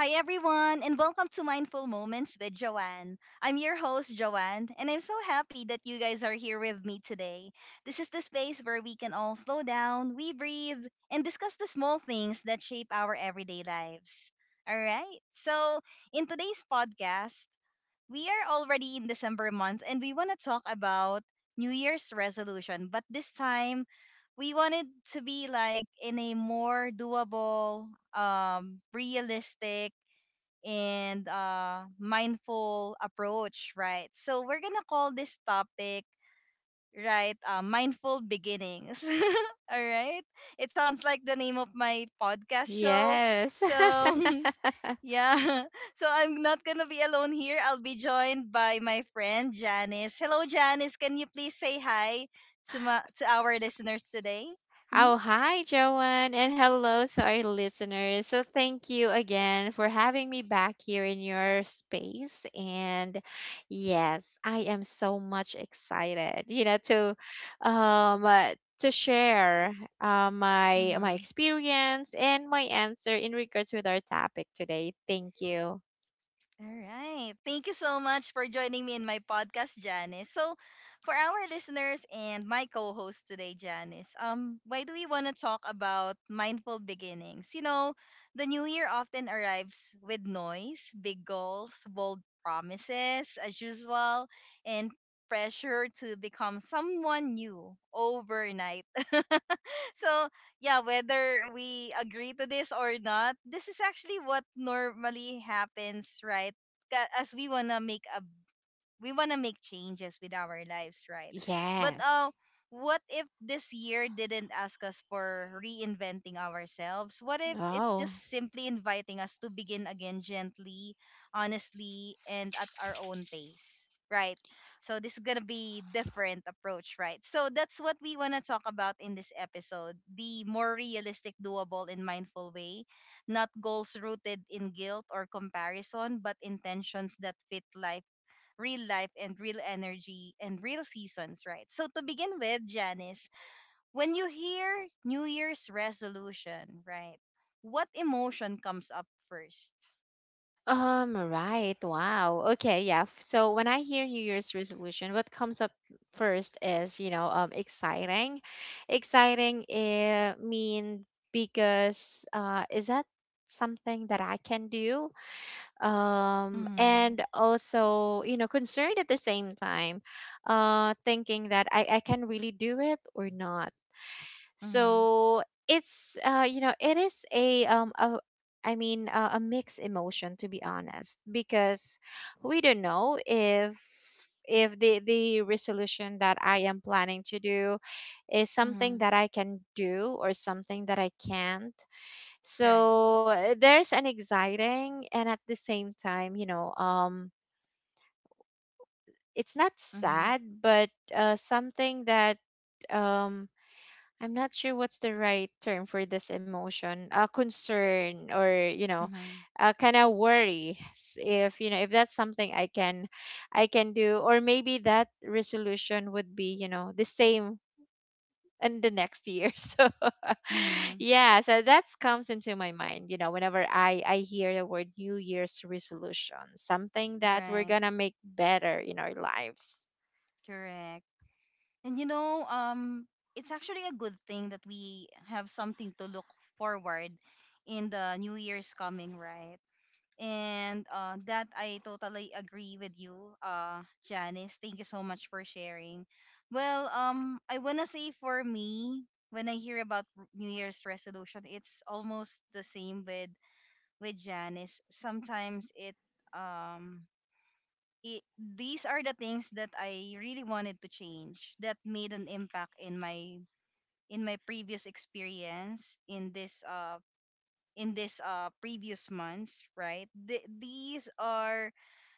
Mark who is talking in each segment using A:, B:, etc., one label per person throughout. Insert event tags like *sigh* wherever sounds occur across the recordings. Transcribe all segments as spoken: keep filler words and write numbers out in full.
A: Hi, everyone, and welcome to Mindful Moments with Joanne. I'm your host, Joanne, and I'm so happy that you guys are here with me today. This is the space where we can all slow down, we breathe, and discuss the small things that shape our everyday lives. All right, so in today's podcast, we are already in December month and we want to talk about New Year's resolution, but this time we wanted to be like in a more doable, um, realistic, and uh, mindful approach, right? So we're gonna call this topic, right, uh, mindful beginnings. *laughs* All right, it sounds like the name of my podcast show.
B: Yes.
A: So
B: *laughs*
A: *laughs* yeah, *laughs* so I'm not gonna be alone here. I'll be joined by my friend Janice. Hello, Janice. Can you please say hi to my to our listeners today? Mm-hmm.
B: Oh, hi, Joanne, and hello to our listeners. So, thank you again for having me back here in your space. And yes, I am so much excited, you know, to um uh, to share uh, my my
A: Mm-hmm.
B: experience and my answer in regards with our topic today. Thank you.
A: All right. Thank you so much for joining me in my podcast, Janice. So, for our listeners and my co-host today, Janice, um, why do we want to talk about mindful beginnings? You know, the new year often arrives with noise, big goals, bold promises, as usual, and pressure to become someone new overnight. *laughs* So yeah, whether we agree to this or not, this is actually what normally happens, right? Ka- as we want to make a, we want to make changes with our lives, right? But uh,
B: Yes.
A: what if this year didn't ask us for reinventing ourselves? What if it's
B: Oh.
A: just simply inviting us to begin again gently, honestly, and at our own pace, right? So this is going to be different approach, right? So that's what we want to talk about in this episode, the more realistic, doable, and mindful way. Not goals rooted in guilt or comparison, but intentions that fit life, real life and real energy and real seasons, right? So to begin with, Janice, when you hear New Year's resolution, right, what emotion comes up first?
B: Um, right. Wow. Okay, yeah. F- So when I hear New Year's resolution, what comes up first is, you know, um exciting. Exciting uh, mean because uh is that something that I can do? Um,
A: Mm-hmm.
B: and also, you know, concerned at the same time, uh thinking that I I can really do it or not.
A: Mm-hmm.
B: So it's uh you know, it is a um a, I mean uh, a mixed emotion, to be honest, because we don't know if if the the resolution that I am planning to do is something
A: Mm-hmm.
B: that I can do or something that I can't.
A: Right.
B: So uh, there's an exciting and at the same time, you know, um it's not
A: Mm-hmm.
B: sad, but uh something that um I'm not sure what's the right term for this emotion, uh, concern or, you know,
A: Mm-hmm.
B: uh, kind of worry. S- If you know, if that's something I can, I can do, or maybe that resolution would be, you know, the same in the next year. *laughs* So
A: Mm-hmm.
B: yeah, so that comes into my mind. You know, whenever I I hear the word New Year's resolution, something that we're
A: Right.
B: gonna make better in our lives.
A: Correct. And you know, um, it's actually a good thing that we have something to look forward in the new year's coming, right? And uh, that I totally agree with you, uh, Janice. Thank you so much for sharing. Well, um, I wanna say for me, when I hear about r- New Year's resolution, it's almost the same with with Janice. Sometimes it um it, these are the things that I really wanted to change that made an impact in my in my previous experience in this uh in this uh previous months, right? Th- these are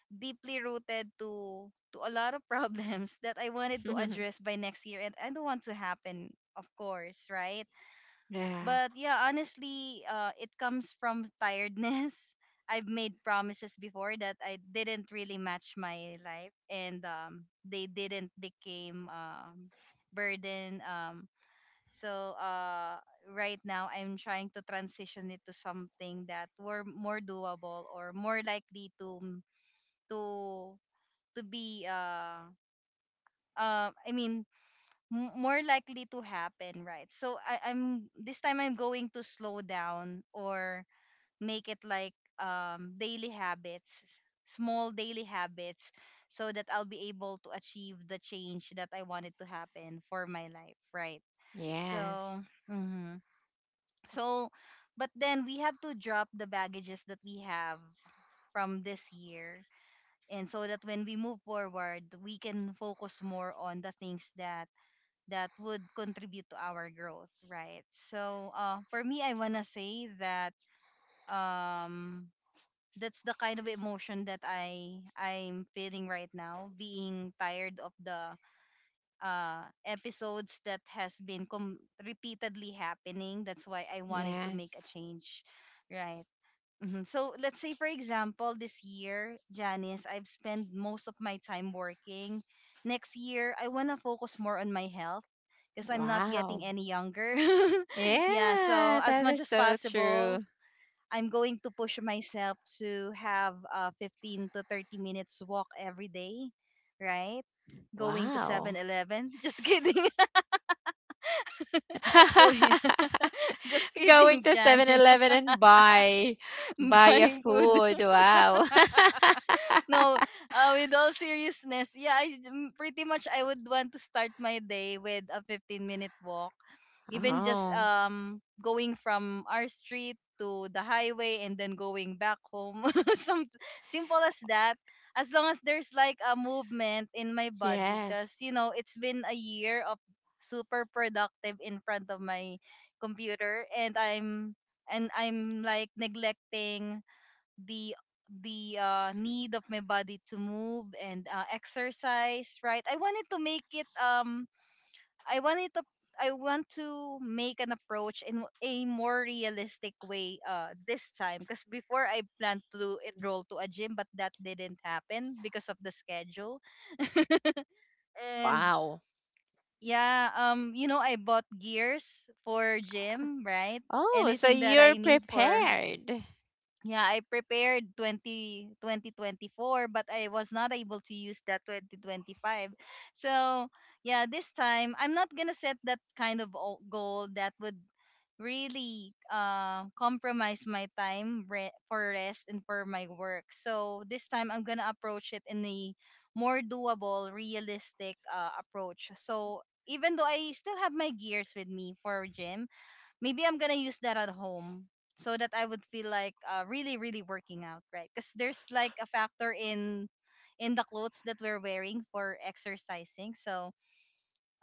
A: deeply rooted to to a lot of problems *laughs* that I wanted to address
B: *laughs*
A: by next year, and I don't want to happen, of course, right?
B: Yeah.
A: But yeah, honestly, uh, it comes from tiredness. *laughs* I've made promises before that I didn't really match my life and um, they didn't became um, burden um, so uh, right now I'm trying to transition it to something that were more doable or more likely to to to be uh uh I mean m- more likely to happen, right? So I I'm this time I'm going to slow down or make it like um daily habits, small daily habits So that I'll be able to achieve the change that I wanted to happen for my life, right?
B: Yes.
A: So, mhm. So but then we have to drop the baggages that we have from this year, and so that when we move forward we can focus more on the things that that would contribute to our growth, right? So uh, for me I want to say that um, that's the kind of emotion that i i'm feeling right now, being tired of the uh episodes that has been com- repeatedly happening. That's why I wanted to make a
B: Yes.
A: change, right. Mhm. So let's say for example this year, Janice, I've spent most of my time working. Next year, I want to focus more on my health because I'm not
B: Wow.
A: getting any younger. *laughs* Yeah, so
B: Yeah,
A: as
B: that
A: much
B: is
A: as
B: so true.
A: possible, I'm going to push myself to have a fifteen to thirty minutes walk every day, right? Going to Seven
B: Wow.
A: Eleven? Just kidding. *laughs* Going
B: *laughs*
A: *laughs* just
B: Going
A: kidding,
B: to Seven
A: Janice.
B: Eleven and buy
A: *laughs*
B: buy a
A: Buying food.
B: food. Wow. *laughs*
A: No, uh, with all seriousness, yeah, I m- pretty much I would want to start my day with a fifteen minute walk. Even just
B: Oh,
A: um going from our street to the highway and then going back home. *laughs* Some simple as that. As long as there's like a movement in my body,
B: yes.
A: cuz you know, it's been a year of super productive in front of my computer, and I'm and I'm like neglecting the the uh, need of my body to move and uh, exercise, right. I wanted to make it um, i wanted to I want to make an approach in a more realistic way, uh, this time, because before I planned to enroll to a gym, but that didn't happen because of the schedule. And
B: Wow.
A: yeah, um, you know, I bought gears for gym, right?
B: Oh, so
A: Anything that I
B: you're
A: need for.
B: prepared.
A: Yeah, I prepared twenty, two thousand twenty-four, but I was not able to use that two thousand twenty-five. So, yeah, this time I'm not going to set that kind of o- goal that would really uh, compromise my time re- for rest and for my work. So, this time I'm going to approach it in a more doable, realistic uh, approach. So, even though I still have my gears with me for gym, maybe I'm gonna use that at home so that I would feel like uh, really, really working out, right? Because there's like a factor in in the clothes that we're wearing for exercising. So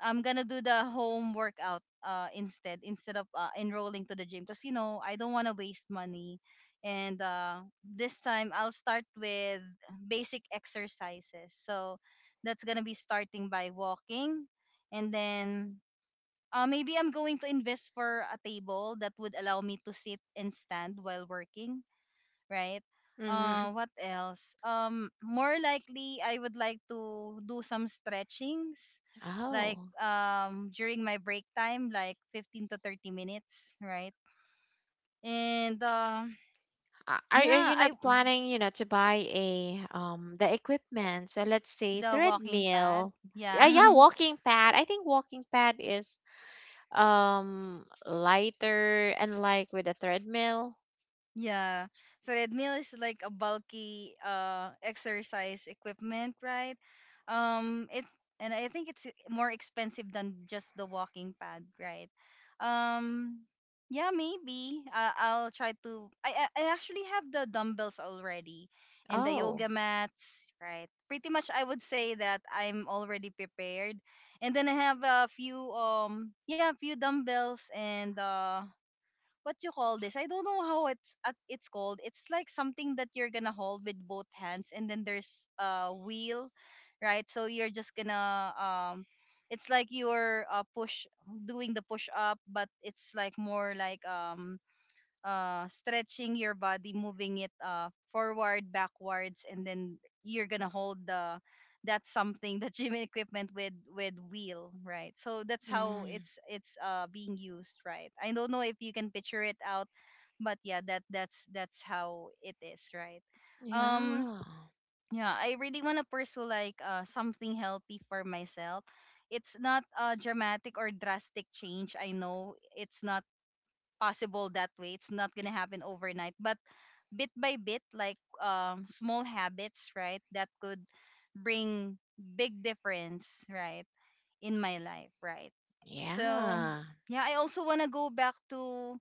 A: I'm gonna do the home workout uh, instead instead of uh, enrolling to the gym, because you know I don't want to waste money. And uh, this time I'll start with basic exercises. So that's gonna be starting by walking, and then uh, maybe I'm going to invest for a table that would allow me to sit and stand while working, right?
B: Hmm.
A: Uh, what else? Um, more likely, I would like to do some stretchings, like
B: Oh.
A: um during my break time, like fifteen to thirty minutes, right? And um,
B: Uh, Are are
A: yeah,
B: you
A: I
B: not planning, you know, to buy a um the equipment? So let's say
A: the walking pad,
B: treadmill. Yeah, yeah,
A: yeah. *laughs*
B: walking pad. I think walking pad is, um, lighter and like with a treadmill.
A: Yeah, so treadmill is like a bulky uh exercise equipment, right? Um, it's, and I think it's more expensive than just the walking pad, right? Um, yeah, maybe I I'll try to. I I I actually have the dumbbells already and the
B: Oh,
A: yoga mats, right? Pretty much, I would say that I'm already prepared, and then I have a few um, yeah, a few dumbbells and uh, what you call this? I don't know how it's uh, it's called. It's like something that you're gonna hold with both hands, and then there's a wheel, right? So you're just gonna um, it's like you're uh, push, doing the push up, but it's like more like um, uh, stretching your body, moving it uh, forward, backwards, and then you're gonna hold the, that something the gym equipment with with wheel, right? So that's how
B: mm,
A: it's it's uh, being used, right? I don't know if you can picture it out, but yeah, that that's that's how it is, right? Um,
B: yeah,
A: yeah, I really wanna pursue like uh, something healthy for myself. It's not a dramatic or drastic change. I know it's not possible that way. It's not gonna happen overnight, but bit by bit, like um, small habits, right? That could bring big difference, right, in my life, right? So
B: yeah,
A: yeah, I also wanna go back to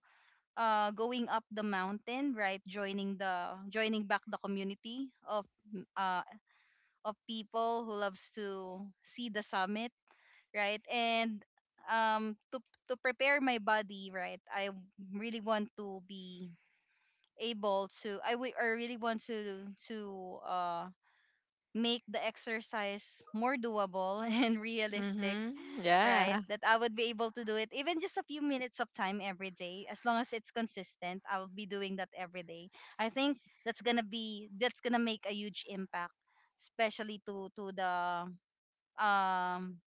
A: uh, going up the mountain, right? Joining the joining back the community of mm, uh, of people who loves to see the summit, right? And um, to to prepare my body, right? I really want to be able to I wi- I really want to to uh make the exercise more doable *laughs* and realistic,
B: mm-hmm,
A: right?
B: yeah,
A: That I would be able to do it even just a few minutes of time every day. As long as it's consistent, I will be doing that every day. I think that's gonna be that's gonna make a huge impact, especially to to the um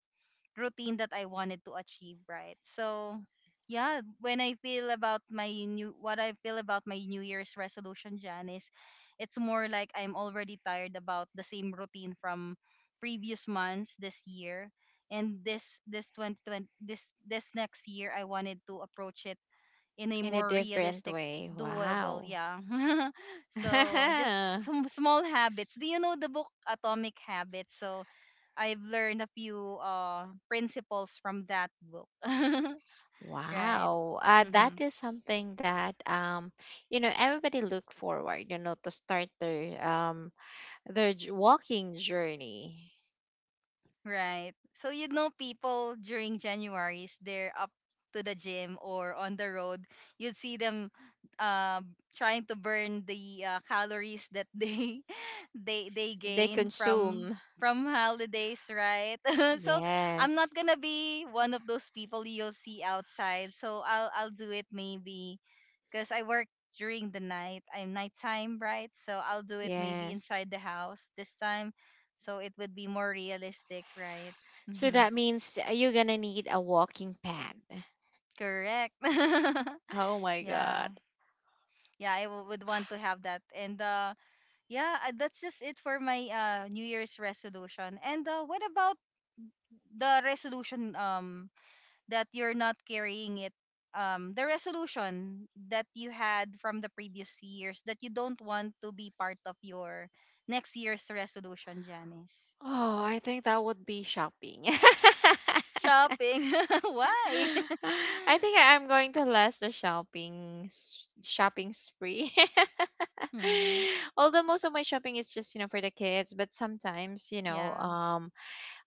A: routine that I wanted to achieve, right? So, yeah, when I feel about my new, what I feel about my New Year's resolution, Jan, is it's more like I'm already tired about the same routine from previous months this year. And this this twenty twenty, this this next year, I wanted to approach it in a
B: in a
A: more
B: different
A: realistic,
B: way.
A: doable,
B: Wow.
A: yeah. *laughs* So
B: *laughs*
A: just some small habits. Do you know the book Atomic Habits? So I've learned a few uh principles from that book. *laughs* Right.
B: Wow. Uh,
A: Hmm.
B: that is something that um, you know, everybody look forward, you know, to start their um their j- walking journey.
A: Right. So you know people during January's, they're up to the gym or on the road. You'd see them uh, trying to burn the uh, calories that they *laughs* they they
B: They
A: gain from
B: consume.
A: from holidays, right? *laughs* So I'm not
B: Yes,
A: gonna be one of those people you'll see outside. So I'll I'll do it maybe because I work during the night. I'm nighttime, right? So I'll do it maybe
B: yes.
A: inside the house this time. So it would be more realistic, right?
B: So
A: Mm-hmm.
B: that means you're gonna need a walking pad.
A: Correct. *laughs*
B: Oh my
A: Yeah.
B: god.
A: Yeah, I w- would want to have that. And uh, yeah, uh, that's just it for my uh, New Year's resolution. And uh, what about the resolution um that you're not carrying it, um the resolution that you had from the previous years that you don't want to be part of your next year's resolution, Janice?
B: Oh, I think that would be shopping. *laughs*
A: Shopping? *laughs* Why? *laughs*
B: I think I'm going to last the shopping s- shopping spree.
A: Hmm.
B: *laughs* Although most of my shopping is just, you know, for the kids, but sometimes, you know,
A: Yeah.
B: um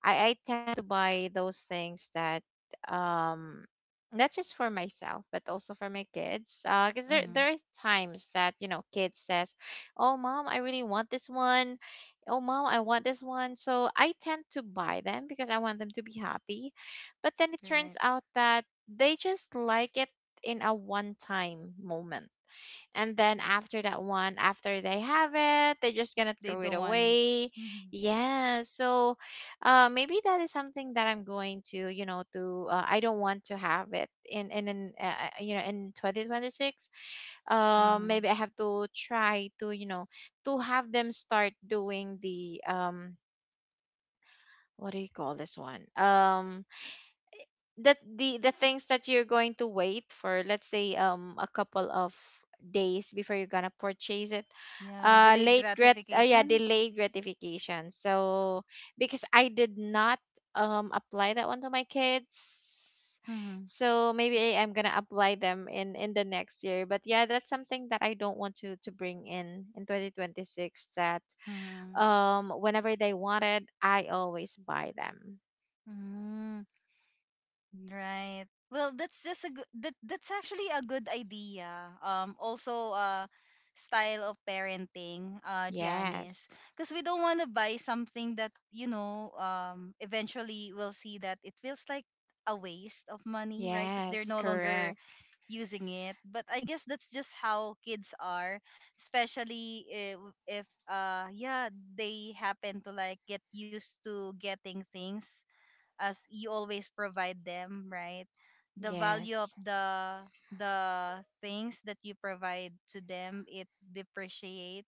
B: I, I tend to buy those things that um not just for myself but also for my kids, uh because there
A: Hmm.
B: there are times that, you know, kids says, oh mom, I really want this one. Oh mom, I want this one. So I tend to buy them because I want them to be happy, but then it turns
A: Right.
B: out that they just like it in a one time moment, and then after that one, after they have it, they're just gonna
A: They
B: throw it
A: don't want it.
B: away.
A: Hmm.
B: Yeah. So, uh, maybe that is something that I'm going to, you know, to uh, I don't want to have it in in, in uh, uh, you know, in twenty twenty-six. Um,
A: Hmm.
B: maybe I have to try to, you know, to have them start doing the um what do you call this one? Um, that the the things that you're going to wait for, let's say, um a couple of days before you're gonna purchase it.
A: Yeah,
B: Uh
A: delayed
B: late grat uh, yeah,
A: gratification.
B: delayed gratification. So because I did not um apply that one to my kids,
A: Hmm.
B: so maybe I- I'm gonna apply them in in the next year. But yeah, that's something that I don't want to to bring in in twenty twenty-six, that
A: Hmm.
B: um whenever they wanted, I always buy them.
A: Hmm. Right. Well, that's just a good that that's actually a good idea. Um also, uh style of parenting, uh Janice,
B: Yes.
A: because we don't want to buy something that, you know, um eventually we'll see that it feels like a waste of money, right? Because they're
B: Yes,
A: no longer
B: correct.
A: using it. But I guess that's just how kids are, especially if, if uh yeah, they happen to like get used to getting things as you always provide them, right? The value of
B: Yes.
A: the the things that you provide to them, it depreciate,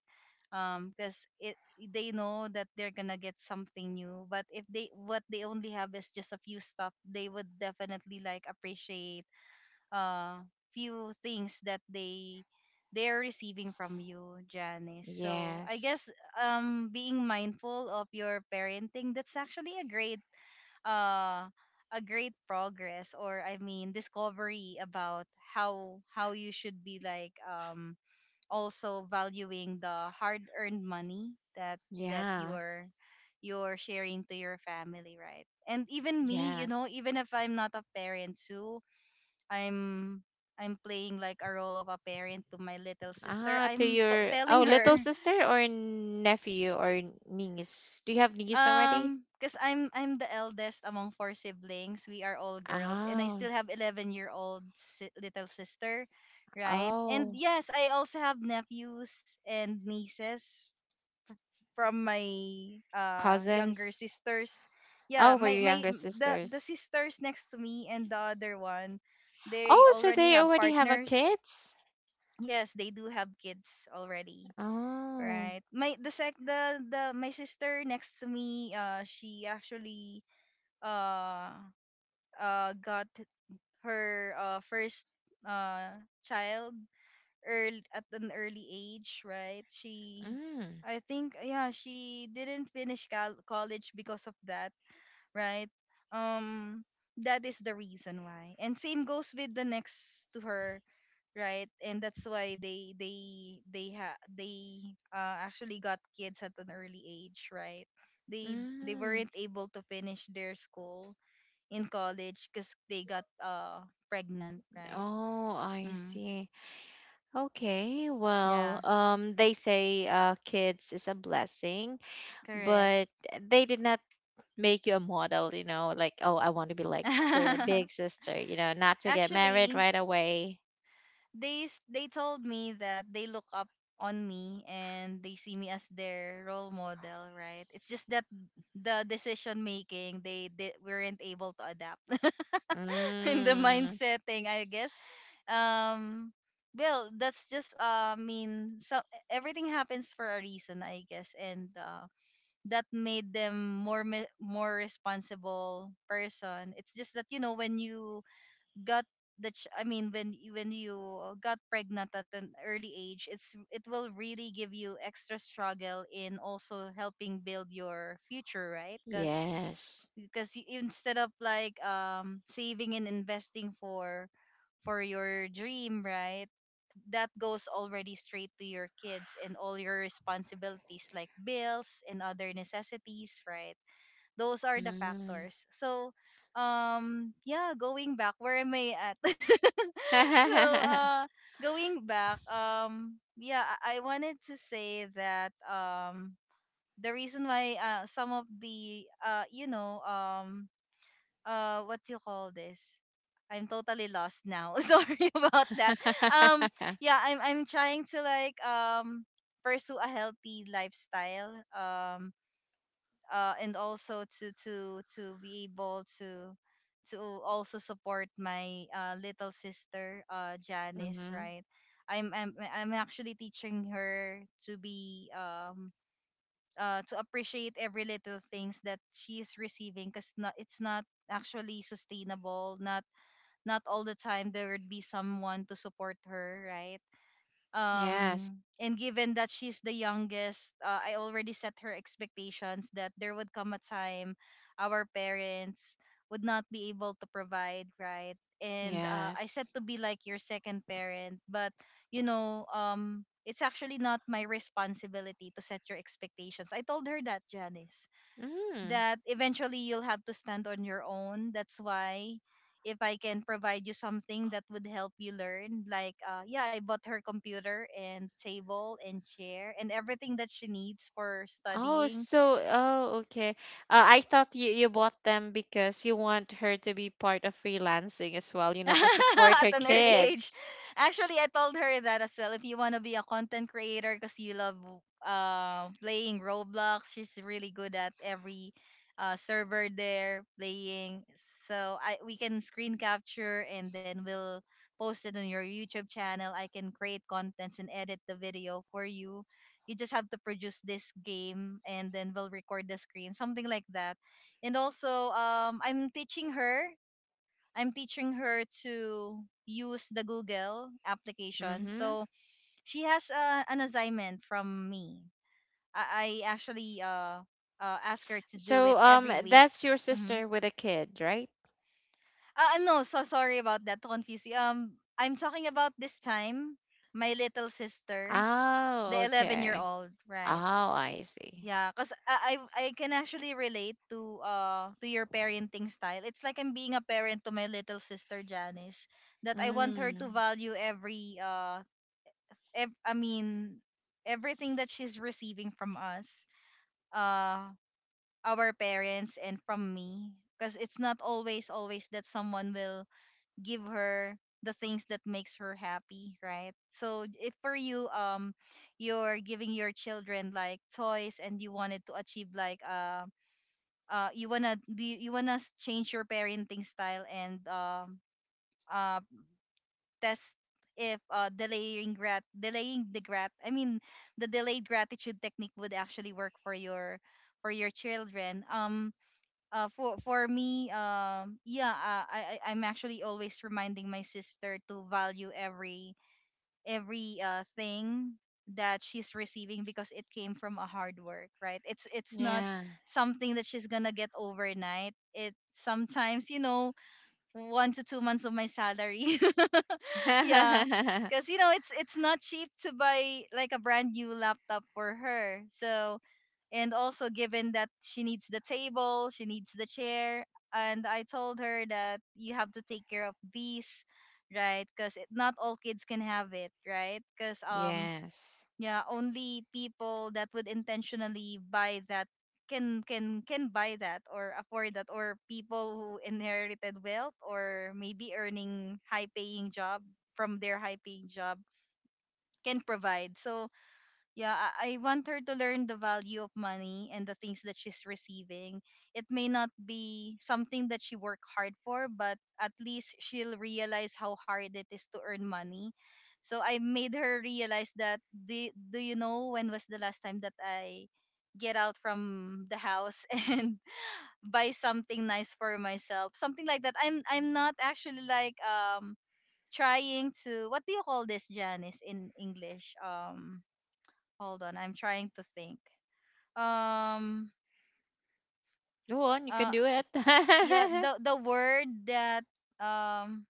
A: um because it they know that they're gonna get something new, but if they what they only have is just a few stuff, they would definitely like appreciate uh few things that they they're receiving from you, Janice. So I
B: Yes.
A: guess um being mindful of your parenting, that's actually a great uh a great progress, or I mean discovery, about how how you should be like, um also valuing the hard earned money that that
B: Yeah.
A: you're you're sharing to your family, right? And even me, you know,
B: Yes.
A: even if I'm not a parent too, I'm I'm playing like a role of a parent to my little sister.
B: Ah, to
A: I'm t-
B: your, oh,
A: telling
B: little
A: her.
B: sister or nephew or niece. Do you have niece already?
A: Um, because I'm I'm the eldest among four siblings. We are all girls, and I still
B: Ah.
A: have eleven year old si- little sister, right? And
B: Oh.
A: yes, I also have nephews and nieces from my uh younger
B: Cousins.
A: sisters. Yeah,
B: Oh, for
A: my
B: your
A: my
B: younger
A: the the
B: sisters.
A: sisters next to me and the other one, they
B: Oh, so
A: already
B: they
A: have
B: already have a
A: partners.
B: kids?
A: Yes, they do have kids already.
B: Oh.
A: Right. My the sec the the my sister next to me, uh, she actually uh uh got her uh first uh child early, at an early age, right? She
B: Mm.
A: I think, yeah, she didn't finish col- college because of that, right? Um that is the reason why. And same goes with the next to her, right? And that's why they they they ha- they uh, actually got kids at an early age, right? They they
B: Mm.
A: weren't able to finish their school in college because they got uh pregnant, right?
B: Oh, I
A: Mm,
B: see. Okay. Well,
A: yeah,
B: um they say, uh, kids is a blessing,
A: correct.
B: but they did not make you a model, you know, like, oh, I want to be like a big
A: *laughs*
B: sister, you know, not to get married
A: Actually,
B: right away.
A: they s- they told me that they look up on me and they see me as their role model, right? It's just that the decision making, they, they weren't able to adapt *laughs* in the
B: Mm,
A: mindset thing, I guess. Um, well, that's just uh mean. So everything happens for a reason, I guess, and uh, that made them more me- more responsible person. It's just that you know when you got the ch- I mean, when you- when you got pregnant at an early age, it's it will really give you extra struggle in also helping build your future, right? Because
B: yes.
A: because instead of like um saving and investing for for your dream, right, that goes already straight to your kids and all your responsibilities, like bills and other necessities, right? Those are the
B: Mm.
A: factors. So, um, yeah, going back, where am I at? *laughs* So,
B: *laughs*
A: uh, going back, um, yeah, I, I wanted to say that, um, the reason why uh, some of the uh, you know, um, uh, what do you call this? I'm totally lost now. *laughs* Sorry about that. Um, yeah, I'm I'm trying to like um pursue a healthy lifestyle. Um, uh, and also to to to be able to to also support my uh, little sister, uh, Janice,
B: Hmm.
A: right? I'm, I'm I'm actually teaching her to be, um uh, to appreciate every little things that she is receiving, because not it's not actually sustainable, not not all the time there would be someone to support her, right?
B: Yes.
A: Um and given that she's the youngest, uh, I already set her expectations that there would come a time our parents would not be able to provide, right? And uh, I said
B: Yes.
A: to be like your second parent, but you know um it's actually not my responsibility to set your expectations, I told her that, Janice,
B: Mm.
A: that eventually you'll have to stand on your own. That's why if I can provide you something that would help you learn, like uh, yeah, I bought her computer and table and chair and everything that she needs for
B: Oh,
A: studying
B: so oh, okay. Uh, I thought you you bought them because you want her to be part of freelancing as well, you know, to support
A: *laughs* at
B: her
A: an early age.
B: kids.
A: Actually, I told her that as well. If you want to be a content creator, because you love uh, playing Roblox, she's really good at every uh, server there playing. So I we can screen capture and then we'll post it on your YouTube channel. I can create contents and edit the video for you. You just have to produce this game and then we'll record the screen, something like that. And also, um, I'm teaching her I'm teaching her to use the Google application.
B: Mm-hmm.
A: So she has uh, an assignment from me. I, I actually uh, uh ask her to do it
B: So um,
A: every week.
B: that's your
A: Mm-hmm.
B: sister with a kid, right?
A: Uh, no, so sorry about that to confuse you. Um, I'm talking about this time my little sister,
B: Oh,
A: the 11 year
B: okay.
A: old,
B: Oh,
A: right?
B: I see.
A: Yeah, cause I I I can actually relate to uh to your parenting style. It's like I'm being a parent to my little sister Janice. That I want her to
B: Mm,
A: value every uh ev- I mean everything that she's receiving from us, uh our parents, and from me. Cause it's not always always that someone will give her the things that makes her happy, right? So if for you, um you're giving your children like toys and you wanted to achieve like uh, uh you wanna do, you, you wanna s- change your parenting style, and um uh test if uh delaying grat delaying the grat I mean the delayed gratitude technique would actually work for your for your children, um uh for for me, um yeah, uh, I I- I'm actually always reminding my sister to value every every uh thing that she's receiving, because it came from a hard work, right? It's it's not
B: yeah.
A: something that she's gonna get overnight. It sometimes you know one to two months of my salary. *laughs* Yeah,
B: *laughs*
A: because you know it's it's not cheap to buy like a brand new laptop for her. So, and also given that she needs the table, she needs the chair, and I told her that you have to take care of these, right? Because not all kids can have it, right? Because um
B: Yes.
A: yeah, only people that would intentionally buy that can can can buy that, or afford that, or people who inherited wealth or maybe earning high paying job from their high paying job can provide. So yeah, I, I want her to learn the value of money and the things that she's receiving. It may not be something that she worked hard for, but at least she'll realize how hard it is to earn money. So I made her realize that, do, do you know when was the last time that I get out from the house *laughs* and buy something nice for myself? Something like that. I'm I'm not actually like um trying to, what do you call this, Janice, in English? Um Hold on, I'm trying to think. Um,
B: Go on, you can
A: uh,
B: do it.
A: yeah,
B: *laughs*
A: the the word that, um,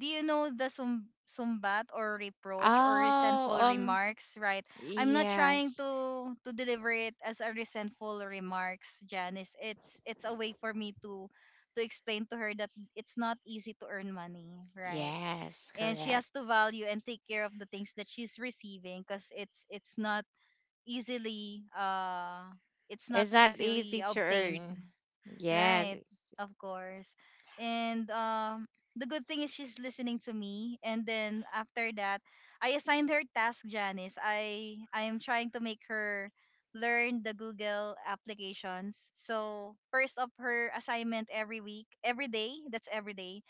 A: do you know the sum sumbat, or reproach, or
B: Oh,
A: resentful
B: um,
A: remarks, right? I'm not trying
B: yes.
A: to to deliver it as a resentful remarks, Janice. It's it's a way for me to to explain to her that it's not easy to earn money, right?
B: Yes,
A: And she
B: correct.
A: has to value and take care of the things that she's receiving, because it's it's not easily uh it's not
B: It's not easy
A: easily
B: to
A: obtained.
B: earn. Yes,
A: Right,
B: it's
A: of course. And um the good thing is she's listening to me, and then after that I assigned her task, Janice. I I am trying to make her learn the Google applications. So first of her assignment every week, every day, that's every day,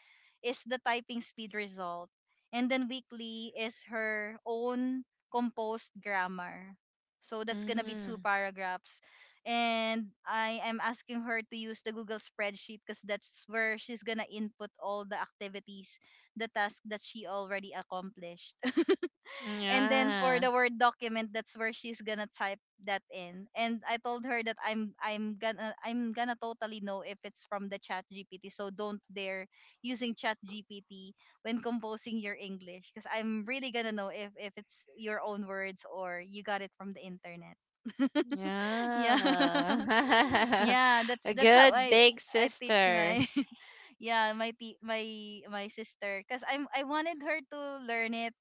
A: is the typing speed result. And then weekly is her own composed grammar. So that's gonna be two
B: mm,
A: paragraphs, and I am asking her to use the Google spreadsheet because that's where she's gonna input all the activities, the task that she already accomplished. *laughs* And then for
B: yeah.
A: the Word document, that's where she's gonna type that in. And I told her that I'm I'm gonna I'm gonna totally know if it's from the Chat G P T. So don't dare using Chat G P T when composing your English because I'm really gonna know if if it's your own words or you got it from the internet. *laughs* Yeah.
B: Yeah.
A: Yeah,
B: *laughs*
A: that's
B: A
A: that's how
B: good
A: I
B: big
A: I teach
B: sister.
A: my *laughs* yeah, my t- my my sister cuz I'm I wanted her to learn it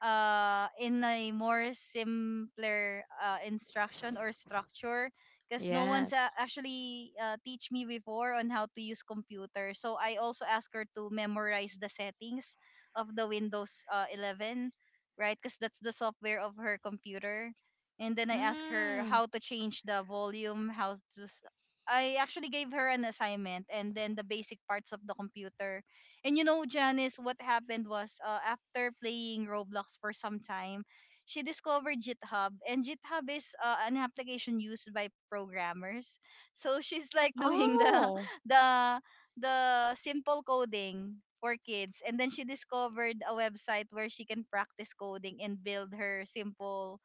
A: uh in a more simpler uh, instruction or structure because no one's uh,
B: Yes.
A: actually uh, teach me before on how to use computer. So I also ask her to memorize the settings of the windows uh, eleven, right, because that's the software of her computer. And then I ask her
B: Mm.
A: how to change the volume, how to s- I actually gave her an assignment, and then the basic parts of the computer. And you know, Janice, what happened was, uh, after playing Roblox for some time, she discovered GitHub, and GitHub is uh, an application used by programmers. *laughs* So she's like doing the
B: Oh.
A: *laughs* the the simple coding for kids, and then she discovered a website where she can practice coding and build her simple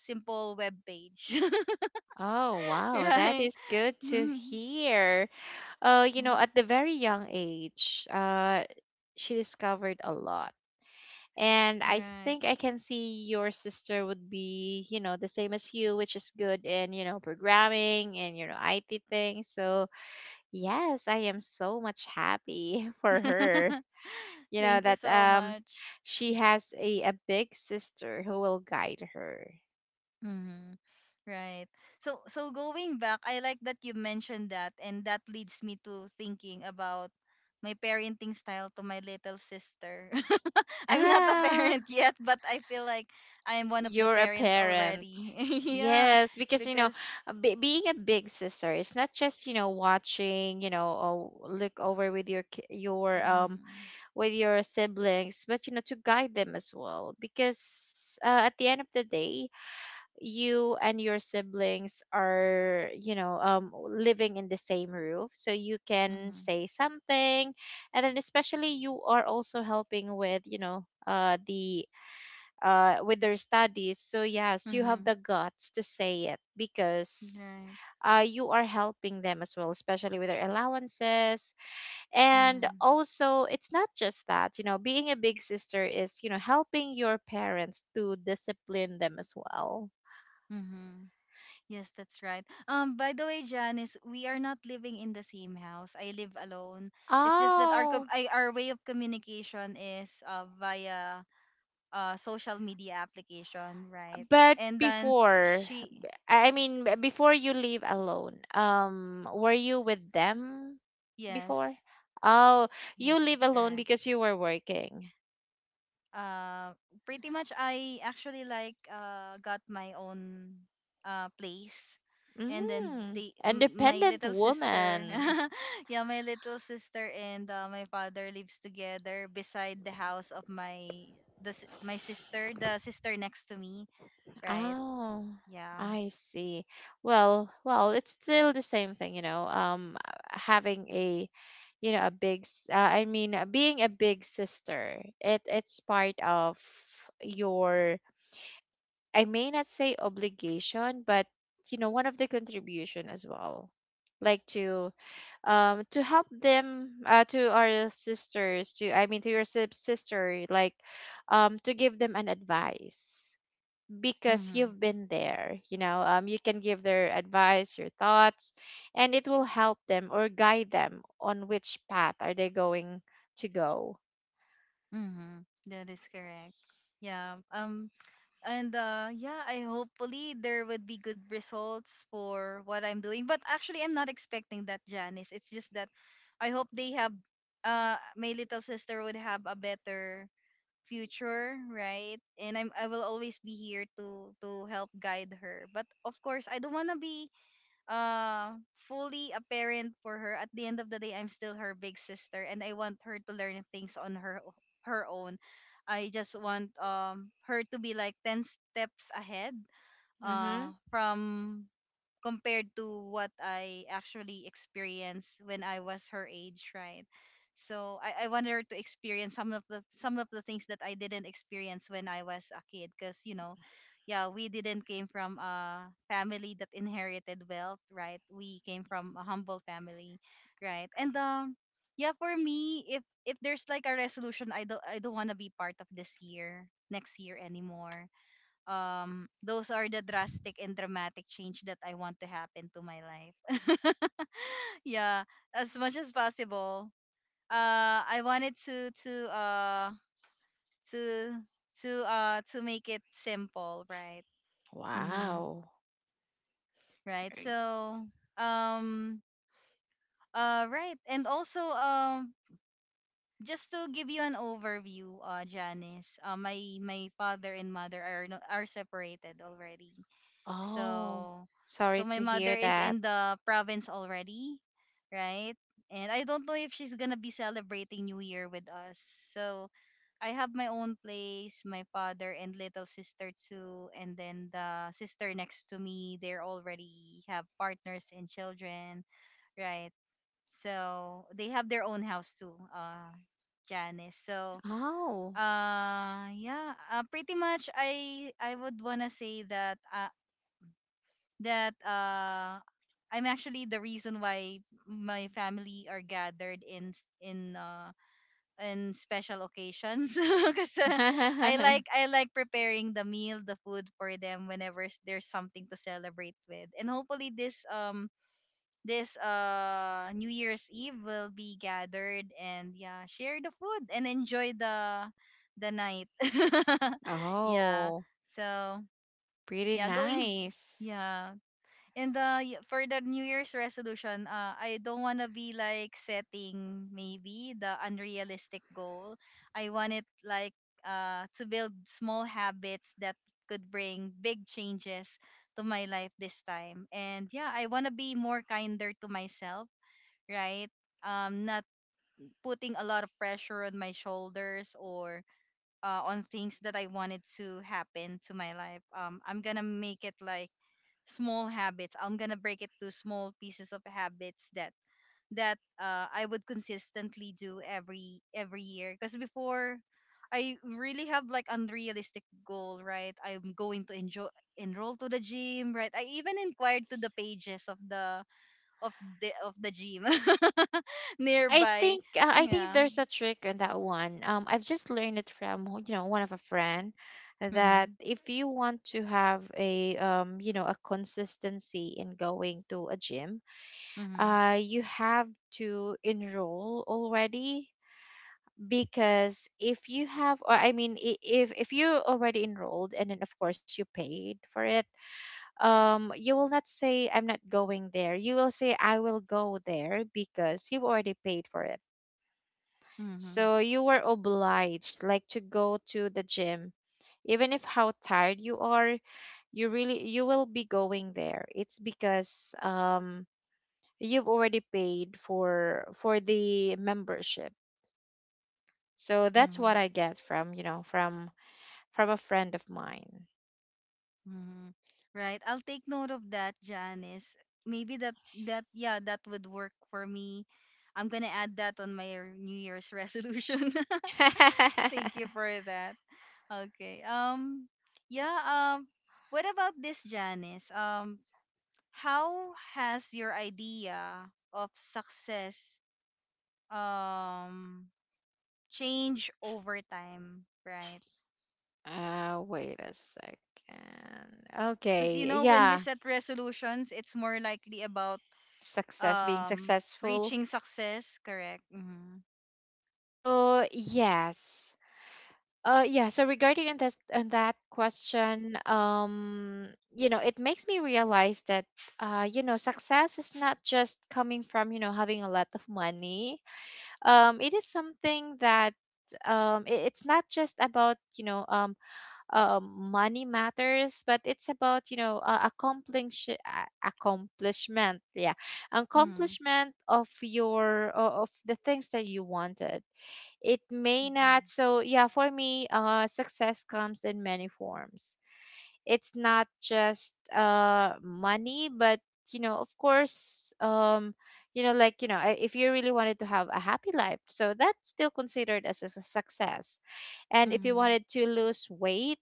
A: simple web page.
B: Oh,
A: *laughs*
B: wow. That
A: Right.
B: is good to
A: *laughs*
B: hear. Uh, you know, at the very young age, uh, she discovered a lot. And I
A: Right.
B: think I can see your sister would be, you know, the same as you, which is good in, you know, programming and, you know, I T things. So, yes, I am so much happy *laughs* for her.
A: *laughs*
B: You know,
A: Thank you
B: that
A: so
B: um,
A: much.
B: she has a, a big sister who will guide her.
A: Mhm. Right. So so going back, I like that you mentioned that, and that leads me to thinking about my parenting style to my little sister. *laughs* I'm not a
B: Ah,
A: parent *laughs* yet, but I feel like I'm one of the
B: you're a
A: parents
B: parent.
A: already. *laughs* Yeah,
B: Yes, because you know,
A: because
B: a bi- being a big sister is not just, you know, watching, you know, oh, look over with your ki- your um,
A: mm-hmm,
B: with your siblings, but you know, to guide them as well. Because uh, at the end of the day, you and your siblings are, you know, um, living in the same roof, so you can
A: mm-hmm,
B: say something, and then especially you are also helping with, you know, uh the uh, with their studies. So yes, you
A: mm-hmm,
B: have the guts to say it because
A: right.
B: uh, you are helping them as well, especially with their allowances. And
A: Mm-hmm,
B: also, it's not just that, you know, being a big sister is, you know, helping your parents to discipline them as well.
A: mm-hmm. Yes, that's right. Um, by the way, Janice, we are not living in the same house. I live alone. It's just that our com-
B: Oh,
A: I, our way of communication is uh, via uh social media application, right?
B: but
A: And then
B: before,
A: she,
B: I mean, b- before you leave alone, um, were you with them before?
A: yes,
B: Oh, you
A: yes,
B: live
A: that's
B: alone
A: correct.
B: because you were working.
A: uh, pretty much I actually like uh, got my own uh, place. And then
B: Mm,
A: they, m- my
B: independent
A: little sister,
B: woman.
A: *laughs* yeah, my little sister and uh, my father lives together beside the house of my the s- my sister, the sister next to me, right?
B: Oh,
A: Yeah.
B: I see. Well, well, it's still the same thing, you know. Um, having a, you know, a big. s- Uh, I mean, uh, being a big sister. It it's part of your. I may not say obligation, but you know, one of the contribution as well, like to um to help them, uh, to our sisters, to I mean to your sib- sister, like um to give them an advice, because
A: Mhm.
B: you've been there, you know, um, you can give their advice, your thoughts, and it will help them or guide them on which path are they going to go.
A: Mhm. That is correct. Yeah. Um, and uh yeah, I hopefully there would be good results for what I'm doing, but actually I'm not expecting that, Janice. It's just that I hope they have uh my little sister would have a better future, right? And i'm i will always be here to to help guide her, but of course I don't want to be uh fully apparent for her. At the end of the day, I'm still her big sister and I want her to learn things on her o- her own. I just want um her to be like ten steps ahead
B: Mm-hmm.
A: uh from compared to what I actually experienced when I was her age, right? So I, I wanted her to experience some of the some of the things that I didn't experience when I was a kid, because you know, yeah, we didn't came from a family that inherited wealth, right? We came from a humble family, right? And um, yeah, for me, if if there's like a resolution, I don't I don't want to be part of this year, next year anymore. Um, those are the drastic and dramatic change that I want to happen to my life. *laughs* Yeah, as much as possible. Uh I wanted to to uh to to uh to make it simple, right? Mhm.
B: Wow.
A: Right. So, um uh right, and also um, just to give you an overview, uh Janice, uh, my my father and mother are no, are separated already.
B: Oh,
A: So, so
B: sorry
A: my
B: to
A: mother
B: hear
A: is
B: that.
A: in the province already, right? And I don't know if she's gonna be celebrating New Year with us. So I have my own place, my father and little sister too, and then the sister next to me. They're already have partners and children, right? So they have their own house too, uh, Janice. So
B: Oh.
A: uh yeah uh, pretty much i i would wanna say that uh, that uh I'm actually the reason why my family are gathered in s- in uh in special occasions *laughs* because I
B: *laughs*
A: like I like preparing the meal, the food for them whenever s- there's something to celebrate with. And hopefully this um this uh New Year's Eve will be gathered, and yeah, share the food and enjoy the the night. *laughs* Yeah.
B: Oh,
A: So,
B: pretty
A: yeah, going
B: nice.
A: yeah, and uh, y- for the New Year's resolution, uh, I don't want to be like setting maybe the unrealistic goal. I want it like uh, to build small habits that could bring big changes to my life this time. And yeah, I want to be more kinder to myself, right? Um, not putting a lot of pressure on my shoulders or uh, on things that I wanted to happen to my life. Um, I'm gonna make it like small habits. I'm gonna break it to small pieces of habits that that uh, I would consistently do every every year. Because before, I really have like unrealistic goal, right? I'm going to enjoy enroll to the gym, right? I even inquired to the pages of the of the of the gym *laughs*
B: I
A: nearby.
B: think, uh, I think
A: Yeah.
B: there's a trick in that one. Um, I've just learned it from, you know, one of a friend, that
A: Mhm.
B: if you want to have a, um, you know, a consistency in going to a gym,
A: Mhm.
B: uh, you have to enroll already, because if you have, or I mean, i- if if you already enrolled and then of course you paid for it, um, you will not say I'm not going there. You will say I will go there because you've already paid for it,
A: Mhm.
B: so you were obliged like to go to the gym. Even if how tired you are, you really you will be going there. It's because um, you've already paid for for the membership. So that's what
A: Mhm.
B: I get from, you know, from from a friend of mine.
A: Hmm. Right. I'll take note of that, Janice. Maybe that that yeah, that would work for me. I'm gonna add that on my *laughs* r- New Year's resolution. *laughs* Thank
B: *laughs*
A: you for that. Okay. Um, yeah, um, what about this, Janice? Um, how has your idea of success um, change over time, right?
B: Uh, wait a second.
A: Because you
B: Okay,
A: know, when we
B: yeah,
A: set resolutions, it's more likely about
B: success, being
A: um,
B: successful.
A: reaching success, correct? Mm-hmm.
B: So, yes. Uh, yeah, so regarding on this on that question, um, you know, it makes me realize that uh, you know, success is not just coming from, you know, having a lot of money. Um, it is something that um it, it's not just about, you know, um um money matters, but it's about, you know, uh, accomplish uh, accomplishment, yeah.
A: Mm-hmm.
B: Accomplishment of your o- of the things that you wanted, it may
A: Mm-hmm.
B: not. So, yeah, for me, uh, success comes in many forms. It's not just uh, money, but, you know, of course, um, you know, like, you know, i- if you really wanted to have a happy life, so that's still considered as a su- success. And if you
A: Mm-hmm.
B: wanted to lose weight,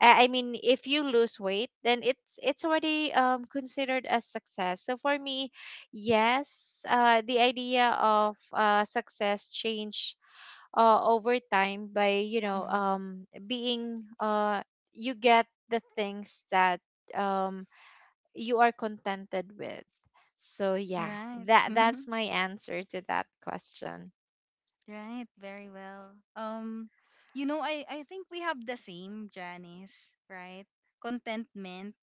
B: I I mean, if you lose weight, then it's it's already um, considered as success. So for me, yes, uh, the idea of uh, success changed uh, over time by you know
A: Mm-hmm.
B: um being uh you get the things that um you are contented with, so yeah,
A: Right.
B: that
A: *laughs*
B: that's my answer to that question.
A: Right, very well. Um, you know, i i think we have the same, Janice, right? Contentment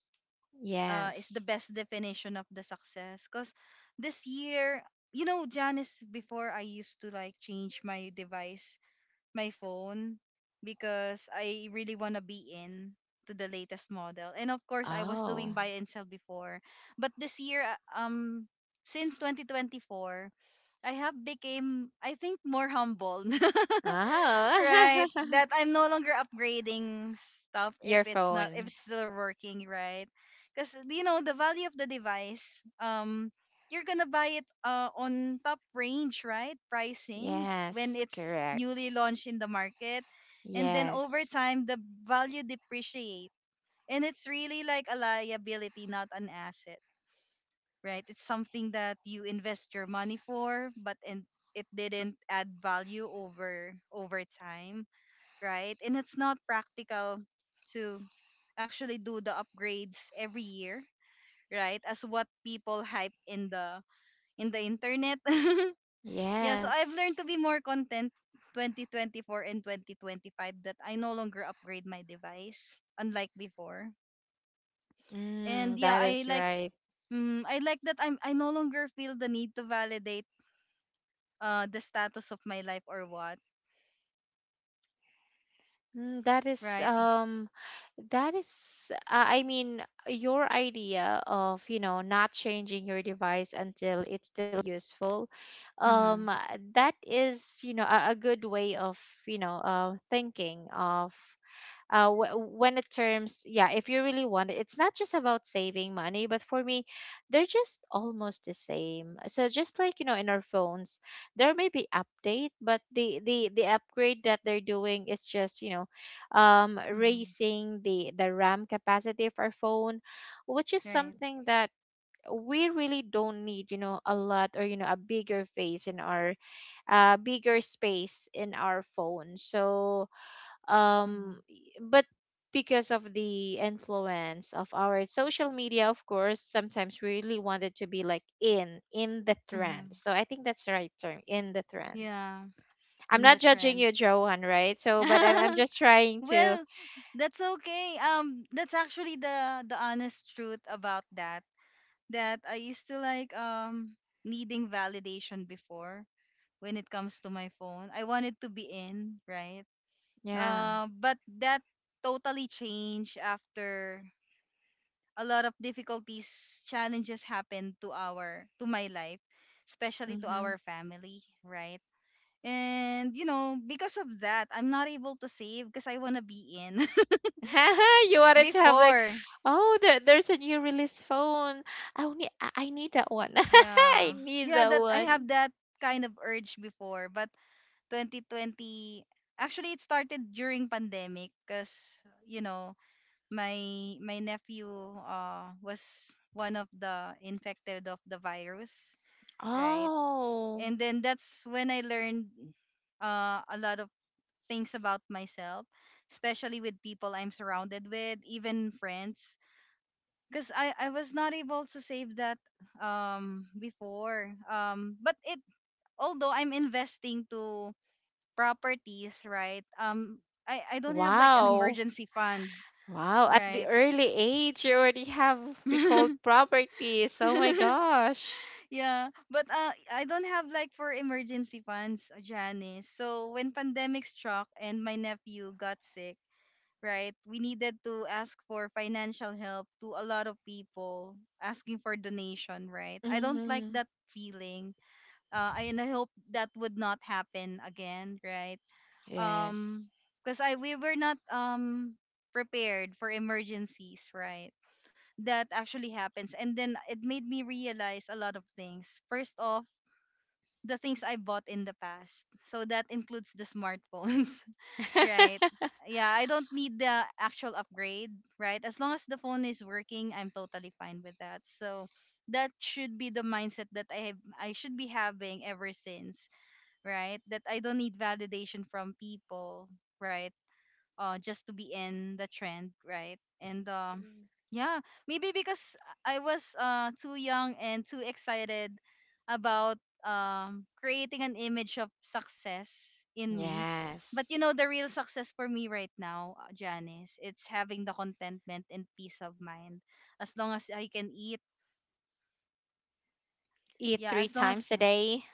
A: uh is the
B: Yes.
A: best definition of the success. Because this year, you know, Janice, before I used to like change my device, my phone, because I really want to be in to the latest model. And of course, I was
B: Oh,
A: doing buy and sell before, but this year uh, um since twenty twenty-four, I have became I think more humble. *laughs* Right,
B: oh.
A: that I'm no longer upgrading stuff
B: *laughs* Your
A: if it's not if
B: phone.
A: it's still working, right? Because you know, the value of the device, um, you're gonna buy it uh, on top range, right, pricing, when
B: Yes,
A: it's
B: correct.
A: newly launched in the market. And then over
B: Yes.
A: time, the value depreciate, and it's really like a liability, not an asset, right? It's something that you invest your money for, but and it didn't add value over over time, right? And it's not practical to actually do the upgrades every year, right? As what people hype in the in the internet. *laughs* Yeah, so I've learned
B: Yes.
A: to be more content twenty twenty-four and twenty twenty-five, that I no longer upgrade my device unlike before.
B: Mm,
A: And yeah,
B: that
A: I
B: is
A: like
B: right.
A: mm, I like that I'm I no longer feel the need to validate uh the status of my life or what,
B: Mm, that is,
A: right?
B: um, that is, uh, I mean, your idea of, you know, not changing your device until it's still useful, um,
A: Mhm.
B: uh, that is, you know, a, a good way of, you know, uh, thinking of uh, wh- when it terms, yeah, if you really want it, it's not just about saving money, but for me, they're just almost the same. So just like you know, in our phones, there may be update, but the the the upgrade that they're doing is just you know, um,
A: Mhm.
B: raising the the RAM capacity of our phone, which is
A: Right.
B: something that we really don't need you know a lot, or you know a bigger face in our uh bigger space in our phone. So um
A: Mhm.
B: y- but because of the influence of our social media, of course sometimes we really wanted to be like in in the trend.
A: Mhm.
B: So I think that's the right term, in the trend.
A: Yeah.
B: I'm
A: In the
B: not judging
A: trend.
B: you, Johan, right? So but i'm, I'm
A: *laughs*
B: just trying to.
A: Well, that's okay. Um, that's actually the the honest truth about that. That I used to like um, needing validation before when it comes to my phone. I wanted to be in, right?
B: Yeah.
A: Uh, but that totally changed after a lot of difficulties, challenges happened to our to my life, especially to
B: Mm-hmm.
A: our family, right? And you know, because of that, I'm not able to save because I want to be in
B: *laughs* You
A: *laughs*
B: wanted to have like,
A: before.
B: oh, there, there's a new release phone. i need i I need that one. *laughs* I
A: Yeah.
B: need
A: Yeah,
B: that
A: that I have
B: one.
A: that kind of urge before, but twenty twenty, actually it started during pandemic, cuz you know, my my nephew uh was one of the infected of the virus, right?
B: Oh,
A: And then that's when I learned uh a lot of things about myself, especially with people I'm surrounded with, even friends. Because I, I was not able to save that um, before. Um, but it although I'm investing to properties, right? Um, I, I don't have like an
B: wow.
A: emergency fund,
B: Wow, at the
A: right?
B: early age, you already have we called properties. Oh my
A: *laughs*
B: gosh.
A: Yeah. But uh, I don't have like for emergency funds, Janice. So when pandemic struck and my nephew got sick, right? We needed to ask for financial help to a lot of people, asking for donation, right? I don't like
B: Mm-hmm.
A: that feeling. Uh, I- and I hope that would not happen again, right? Um,
B: Yes.
A: because I we were not um, prepared for emergencies, right? That actually happens, and then it made me realize a lot of things. First off. The things I bought in the past. So that includes the smartphones. Right.
B: *laughs*
A: Yeah, I don't need the actual upgrade, right? As long as the phone is working, I'm totally fine with that. So that should be the mindset that I have I should be having ever since, right? That I don't need validation from people, right? Uh just to be in the trend, right? And um yeah maybe because I was uh too young and too excited about um creating an image of success in me. But
B: Yes.
A: you know, the real success for me right now, uh, Janice, it's having the contentment and peace of mind. As long as I can eat,
B: Eat
A: yeah,
B: three
A: as long
B: times
A: as
B: a day.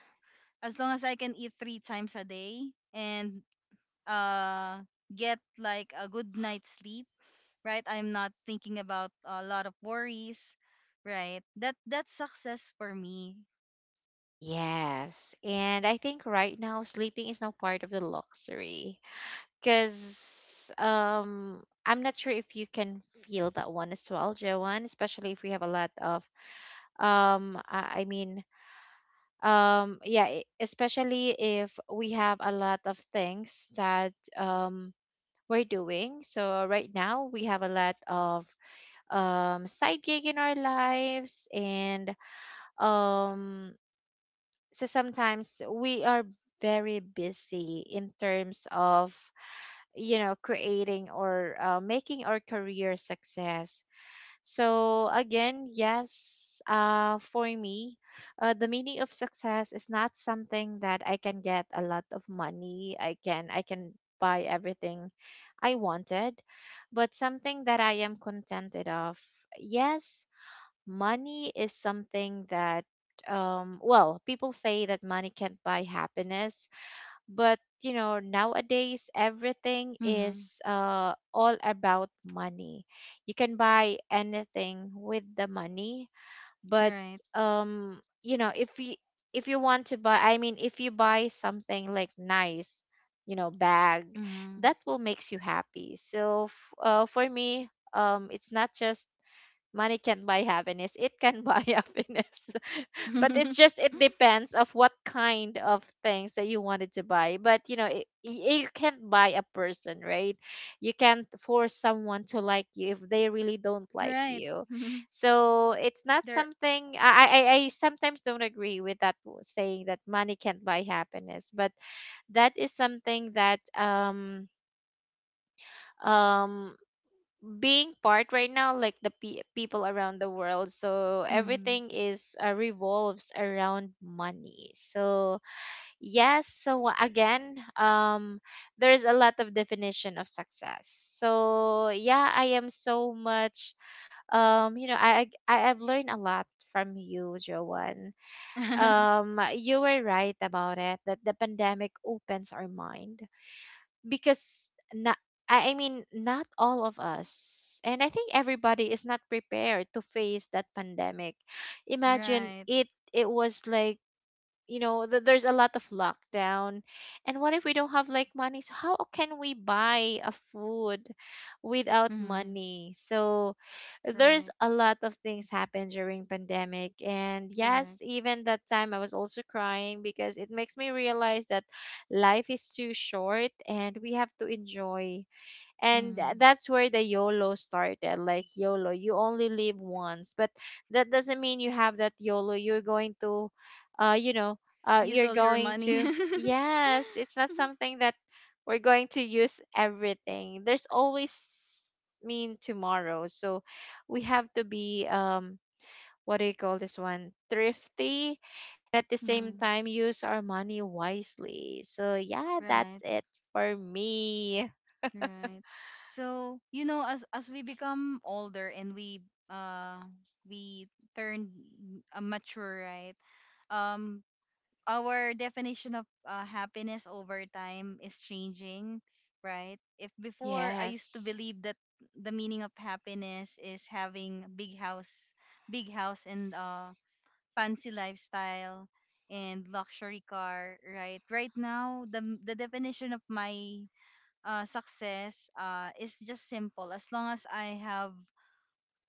A: as long as I can eat three times a day and uh get like a good night's sleep, right? I'm not thinking about a lot of worries, right? That that's success for me.
B: Yes. And I think right now, sleeping is now part of the luxury. Cause um I'm not sure if you can feel that one as well, Joanne, especially if we have a lot of um I I mean um yeah, e- especially if we have a lot of things that um we're doing. So right now we have a lot of um side gig in our lives, and um so sometimes we are very busy in terms of you know creating or uh, making our career success. So again, yes, uh, for me, uh, the meaning of success is not something that I can get a lot of money. I can I can buy everything I wanted, but something that I am contented of. Yes, money is something that um, well, people say that money can't buy happiness, but you know nowadays everything
A: Mm-hmm.
B: is uh, all about money. You can buy anything with the money, but
A: Right.
B: um you know, if you if you want to buy, i mean if you buy something like nice you know bag,
A: Mm-hmm.
B: that will makes you happy. So f- uh, for me um it's not just money can't buy happiness, it can buy *laughs* happiness, but it's
A: *laughs*
B: just, it depends of what kind of things that you wanted to buy. But you know it, you can't buy a person, right? You can't force someone to like you if they really don't like
A: right.
B: you.
A: Mm-hmm.
B: So it's not
A: There.
B: something i i, I sometimes don't agree with that w- saying that money can't buy happiness, but that is something that um um being part right now like the pe- people around the world, so
A: Mm-hmm.
B: everything is uh, revolves around money. So yes, so wha- again um there's a lot of definition of success. So yeah, I am so much um you know i i I've learned a lot from you, Joanne.
A: *laughs*
B: Um you were right about it, that the pandemic opens our mind, because not, I I mean, not all of us, and I think everybody is not prepared to face that pandemic. Imagine
A: right.
B: it. It was like you know th- there's a lot of lockdown, and what if we don't have like money, so how can we buy a food without
A: Mm-hmm.
B: money? So there's
A: Right.
B: a lot of things happen during pandemic, and yes,
A: Correct.
B: even that time I was also crying because it makes me realize that life is too short and we have to enjoy. And tha-
A: Mm-hmm.
B: that's where the YOLO started. Like YOLO, you only live once, but that doesn't mean you have that yolo, you're going to, uh, you know, uh,
A: Use
B: you're
A: all your
B: going
A: money.
B: to. Yes, it's not
A: *laughs*
B: something that we're going to use everything. There's always mean tomorrow, so we have to be um, what do you call this one, thrifty. At the same
A: mm-hmm.
B: time, use our money wisely. So yeah, that's
A: Right.
B: it for me.
A: Right. So, you know, as as we become older and we uh we turn uh, mature, right? Um our definition of uh, happiness over time is changing, right? If before I used to
B: Yes.
A: believe that the meaning of happiness is having big house, big house and uh fancy lifestyle and luxury car, right? Right now, the the definition of my uh, success uh, is just simple. As long as I have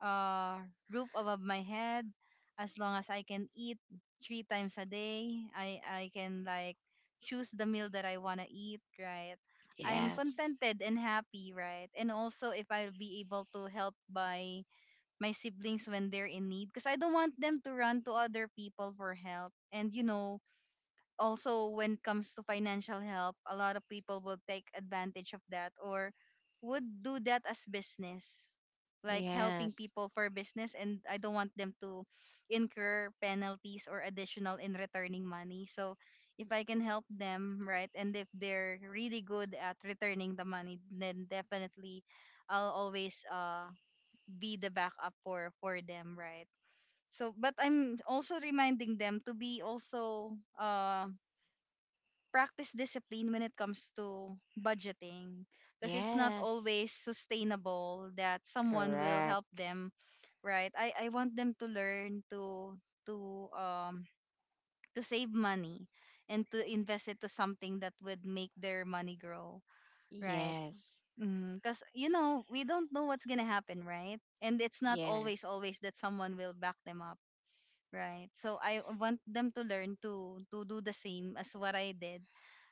A: uh, roof above my head, as long as I can eat three times a day, I I can like choose the meal that I wanna eat, right? I'm
B: Yes.
A: contented and happy, right? And also if I'll be able to help by my siblings when they're in need, because I don't want them to run to other people for help. And you know, also when it comes to financial help, a lot of people will take advantage of that, or would do that as business, like helping
B: Yes.
A: people for business, and I don't want them to incur penalties or additional in returning money. So if I can help them, right, and if they're really good at returning the money, then definitely I'll always uh be the backup for for them, right? So but I'm also reminding them to be also uh practice discipline when it comes to budgeting, because it's not
B: Yes.
A: always sustainable that someone will
B: Correct.
A: help them, right? I i want them to learn to to um to save money and to invest it to something that would make their money grow, right?
B: Yes.
A: Because you know, we don't know what's gonna happen, right? And it's not always
B: Yes.
A: always that someone will back them up, right? So I want them to learn to to do the same as what I did,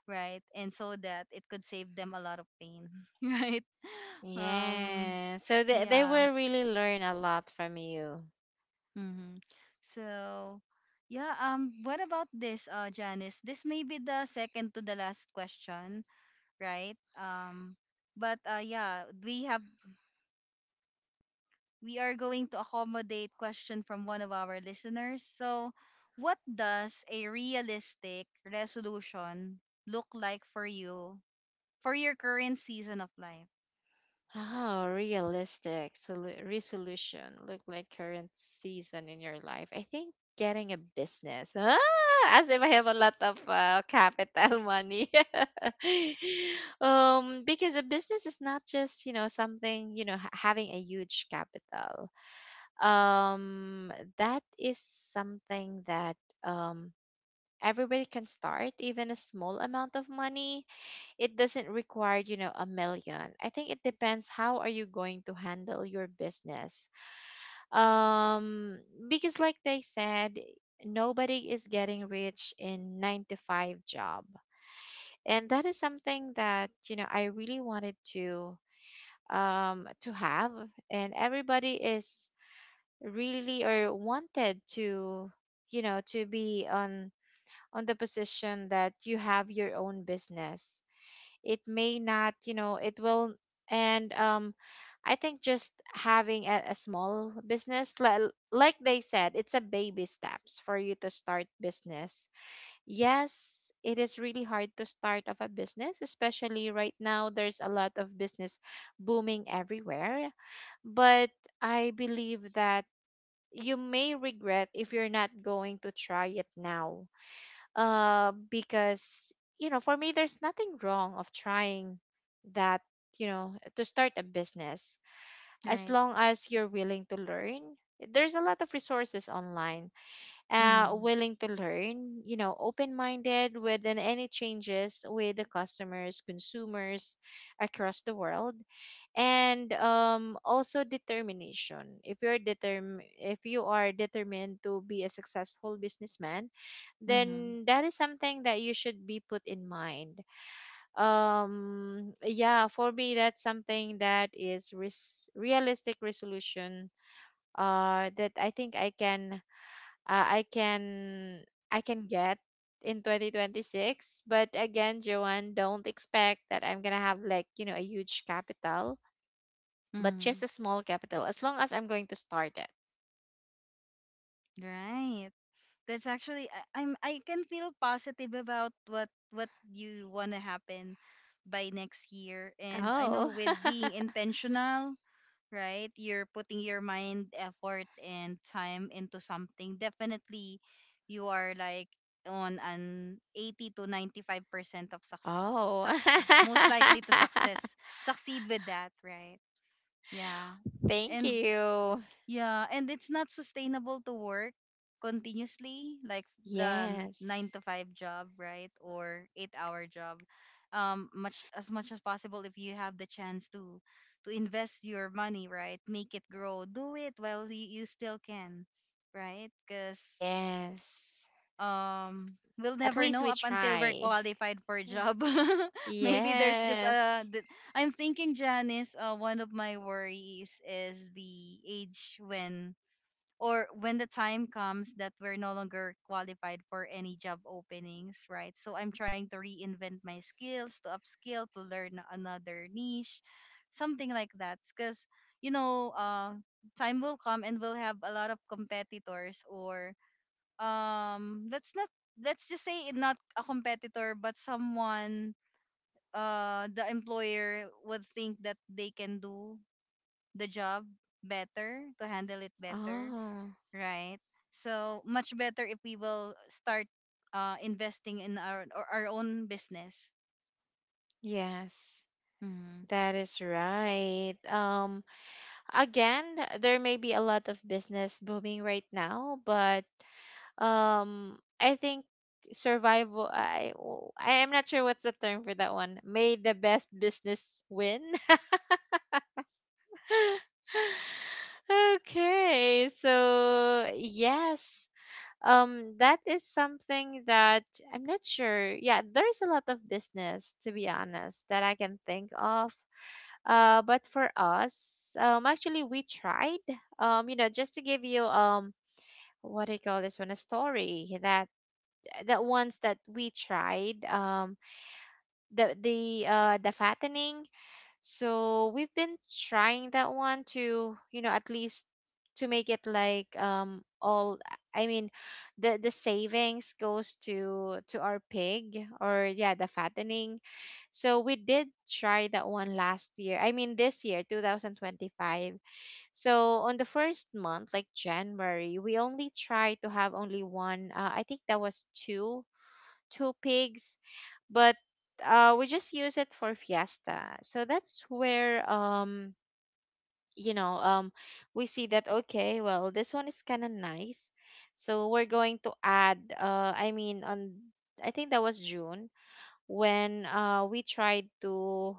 A: right? And so that it could save them a lot of pain, *laughs* right? Um,
B: Yes. So they, they
A: yeah.
B: will really learn a lot from you.
A: Mm-hmm. So, yeah. Um, what about this, uh, Janice? This may be the second to the last question, right? Um, but uh, Yeah, we have we are going to accommodate question from one of our listeners. So, what does a realistic resolution look like for you, for your current season of life?
B: Oh, realistic solu- resolution. Look like current season in your life. I think getting a business. Ah, as if I have a lot of uh, capital *laughs* money. *laughs* um, because a business is not just, you know, something, you know, ha- having a huge capital. um that is something that um everybody can start even a small amount of money. It doesn't require you know a million. I think it depends how are you going to handle your business, um because like they said, nobody is getting rich in nine to five job, and that is something that you know I really wanted to um to have. And everybody is really or wanted to you know to be on on the position that you have your own business. It may not, you know, it will. And um I think just having a, a small business, li- like they said, it's a baby steps for you to start business. Yes, it is really hard to start of a business, especially right now there's a lot of business booming everywhere. But I believe that you may regret if you're not going to try it now. Uh, because, you know, for me, there's nothing wrong of trying that, you know, to start a business, as
A: Right.
B: long as you're willing to learn. There's a lot of resources online, uh,
A: Mhm.
B: willing to learn, you know, open minded with an- any changes with the customers, consumers across the world, and um, also determination. If you're determ- if you are determined to be a successful businessman,
A: Mhm.
B: then that is something that you should be put in mind. Um, yeah, for me, that's something that is res- realistic resolution. Uh, that I think I can uh, I can I can get in twenty twenty-six. But again, Joanne, don't expect that I'm gonna have like you know a huge capital, but just
A: Mhm.
B: a small capital as long as I'm going to start it.
A: Right. That's actually, I, I'm I can feel positive about what what you want to happen by next year. And I know
B: Oh.
A: with being intentional, right? You're putting your mind, effort, and time into something. Definitely, you are like on an eighty to ninety-five percent of
B: *laughs*
A: success, suc-
B: Oh.
A: most likely to success, succeed with that, right? Yeah.
B: *laughs* Thank
A: And
B: you.
A: yeah, and it's not sustainable to work continuously, like the n-
B: Yes,
A: nine to five job, right? Or eight hour job. Um, much as much as possible, if you have the chance to to invest your money, right? Make it grow. Do it while you, you still can, right? Because
B: yes.
A: um we'll
B: At
A: never
B: least
A: know
B: we
A: up until we're
B: try.
A: qualified for a
B: Mm.
A: job. *laughs* Maybe there's just a
B: Yes.
A: th- I'm thinking, Janice, uh, one of my worries is the age when or when the time comes that we're no longer qualified for any job openings, right? So I'm trying to reinvent my skills, to upskill, to learn another niche, something like that. Because, you know, uh, time will come and we'll have a lot of competitors, or um let's not, let's just say it not a competitor but someone, uh the employer would think that they can do the job better, to handle it better,
B: Oh,
A: right? So much better if we will start uh, investing in our or our own business.
B: yes.
A: Mm-hmm.
B: That is right. Um, again, there may be a lot of business booming right now, but um, I think survival. I, oh, I am not sure what's the term for that one. May the best business win. *laughs* Okay, so yes, um, that is something that I'm not sure. Yeah, there's a lot of business to be honest that I can think of. Uh, but for us, um, actually we tried. Um, you know, just to give you um what do you call this one, a story that that ones that we tried um the the uh the fattening. So we've been trying that one to you know at least to make it like um all, i mean the the savings goes to to our pig, or yeah, the fattening. So we did try that one last year, i mean this year twenty twenty-five. So on the first month, like January, we only tried to have only one. Uh, I think that was two two pigs, but uh, we just use it for fiesta. So that's where um you know um we see that okay, well this one is kind of nice. So we're going to add. Uh, I mean on I think that was June when uh we tried to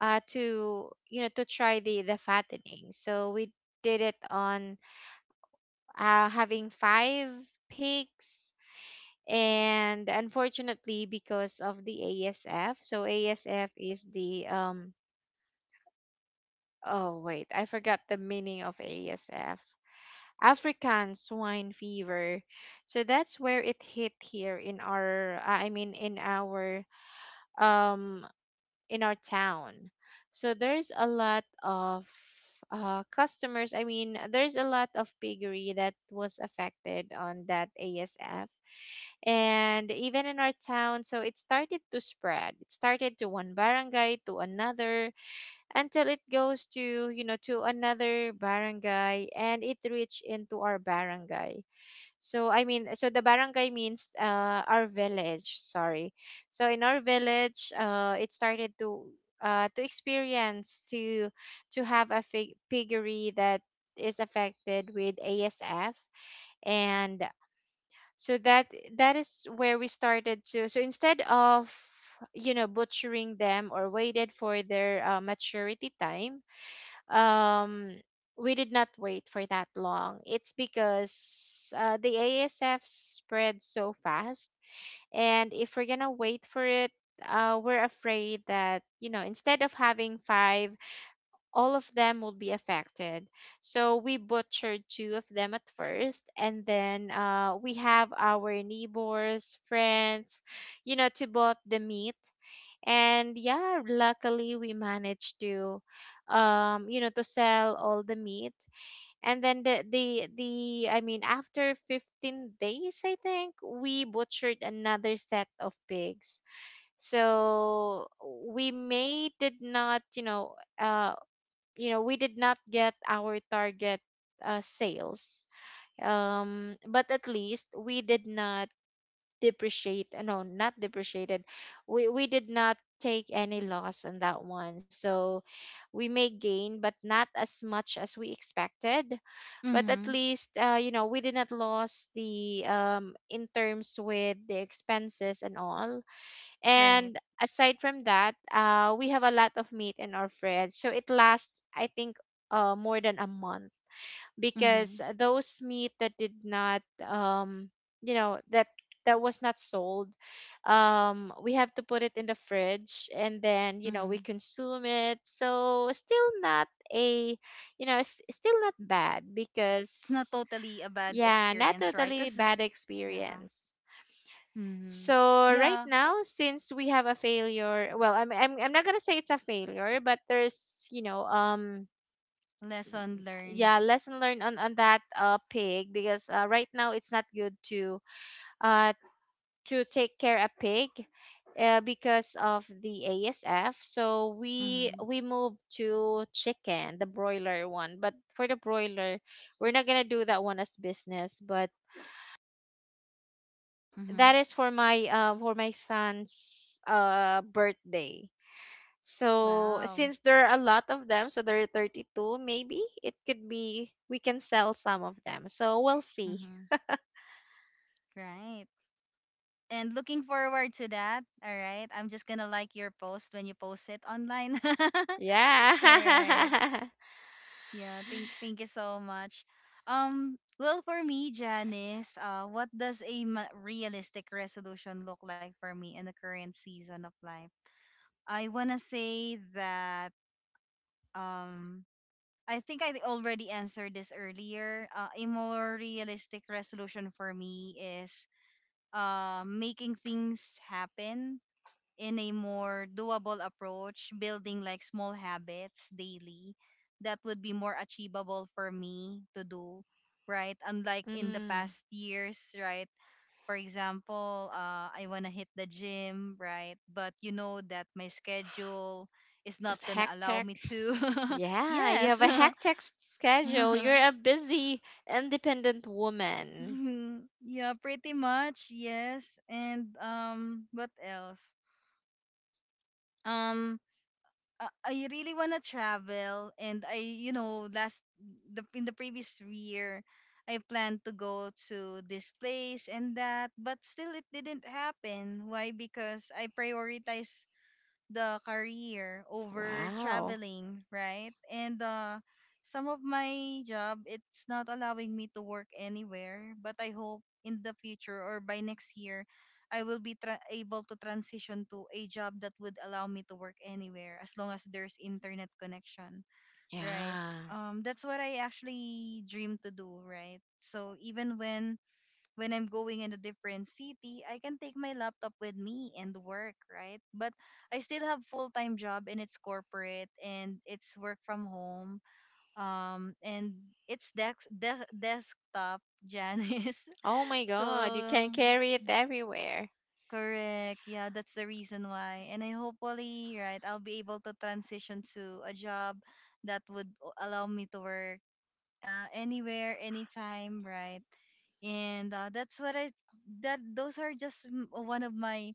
B: uh to you know to try the the fattening. So we did it on uh, having five pigs. And unfortunately, because of the A S F, so A S F is the um oh wait, I forgot the meaning of A S F. African swine fever. So that's where it hit here in our uh, I mean in our um in our town. So there's a lot of uh, customers. I mean, there's a lot of piggery that was affected on that A S F. And even in our town, so it started to spread, it started to one barangay to another, until it goes to you know to another barangay, and it reached into our barangay. So i mean so the barangay means uh, our village, sorry. So in our village, uh, it started to uh, to experience to to have a fig- piggery that is affected with asf. And so that that is where we started to. So instead of you know butchering them or waited for their uh, maturity time, um we did not wait for that long. It's because uh, the asf spread so fast, and if we're gonna wait for it, uh, we're afraid that you know instead of having five, all of them will be affected. So we butchered two of them at first, and then uh, we have our neighbors, friends, you know, to bought the meat. And yeah, luckily we managed to, um, you know, to sell all the meat. And then the the the I mean, after fifteen days, I think we butchered another set of pigs. So we may did not, you know, uh, you know we did not get our target uh, sales um but at least we did not depreciate uh, no not depreciated we we did not take any loss on that one. So we may gain but not as much as we expected, but at
A: Mm-hmm.
B: least uh, you know we did not lose the um in terms with the expenses and all.
A: Right.
B: And aside from that, uh, we have a lot of meat in our fridge. So it lasts, I think, uh, more than a month
A: Mm-hmm.
B: because those meat that did not, um, you know, that that was not sold, um, we have to put it in the fridge and then, you know,
A: Mm-hmm.
B: we consume it. So still not a, you know, it's still not bad
A: It's not
B: because,
A: totally a bad
B: yeah, not
A: experience, right?
B: totally
A: Because
B: bad
A: yeah.
B: experience.
A: Mm-hmm.
B: So right
A: Yeah.
B: now, since we have a failure, well, I'm I'm I'm not gonna say it's a failure, but there's you know um
A: Lesson learned.
B: yeah, lesson learned on on that uh pig. Because uh, right now it's not good to uh to take care a pig. Uh, because of the A S F, so we
A: Mm-hmm.
B: we moved to chicken, the broiler one. But for the broiler, we're not gonna do that one as business. But
A: Mm-hmm.
B: that is for my uh for my son's uh birthday. So
A: Wow.
B: since there are a lot of them, so there are thirty-two, maybe it could be we can sell some of them. So we'll see.
A: Mm-hmm. Right. And looking forward to that. All right. I'm just gonna like your post when you post it online. *laughs* All right.
B: Yeah.
A: Yeah, thank thank you so much. Um, well, for me, Janice, uh, what does a ma- realistic resolution look like for me in the current season of life? I wanna say that um, I think I already answered this earlier. Uh, a more realistic resolution for me is uh, making things happen in a more doable approach, building like small habits daily that would be more achievable for me to do, right? Unlike
B: *laughs*
A: in the
B: mm,
A: past years, right? For example, uh, I want to hit the gym, right? But you know that my schedule is
B: it's
A: not going to allow
B: hectic.
A: me to. *laughs*
B: Yeah, you
A: yes.
B: have a
A: *laughs*
B: hectic s- schedule. You're
A: *laughs*
B: a busy, independent woman.
A: yeah, pretty much. Yes. And um, what else? Um uh, I really want to travel, and I, you know, last the in the previous year I planned to go to this place and that, but still it didn't happen. Why? Because I prioritize the career over
B: Wow.
A: traveling, right? And uh, some of my job, it's not allowing me to work anywhere, but I hope in the future or by next year, I will be tra- able to transition to a job that would allow me to work anywhere as long as there's internet connection, right?
B: Yeah.
A: Um, that's what I actually dream to do, right? So even when when I'm going in a different city, I can take my laptop with me and work, right? But I still have full-time job, and it's corporate, and it's work from home. Um and it's desk de- desktop, Janice.
B: Oh my
A: *laughs*
B: God, you
A: So
B: can carry it everywhere.
A: correct. Yeah, that's the reason why. And I hopefully, right, I'll be able to transition to a job that would o- allow me to work uh, anywhere, anytime, right? And uh, that's what I, that those are just m- one of my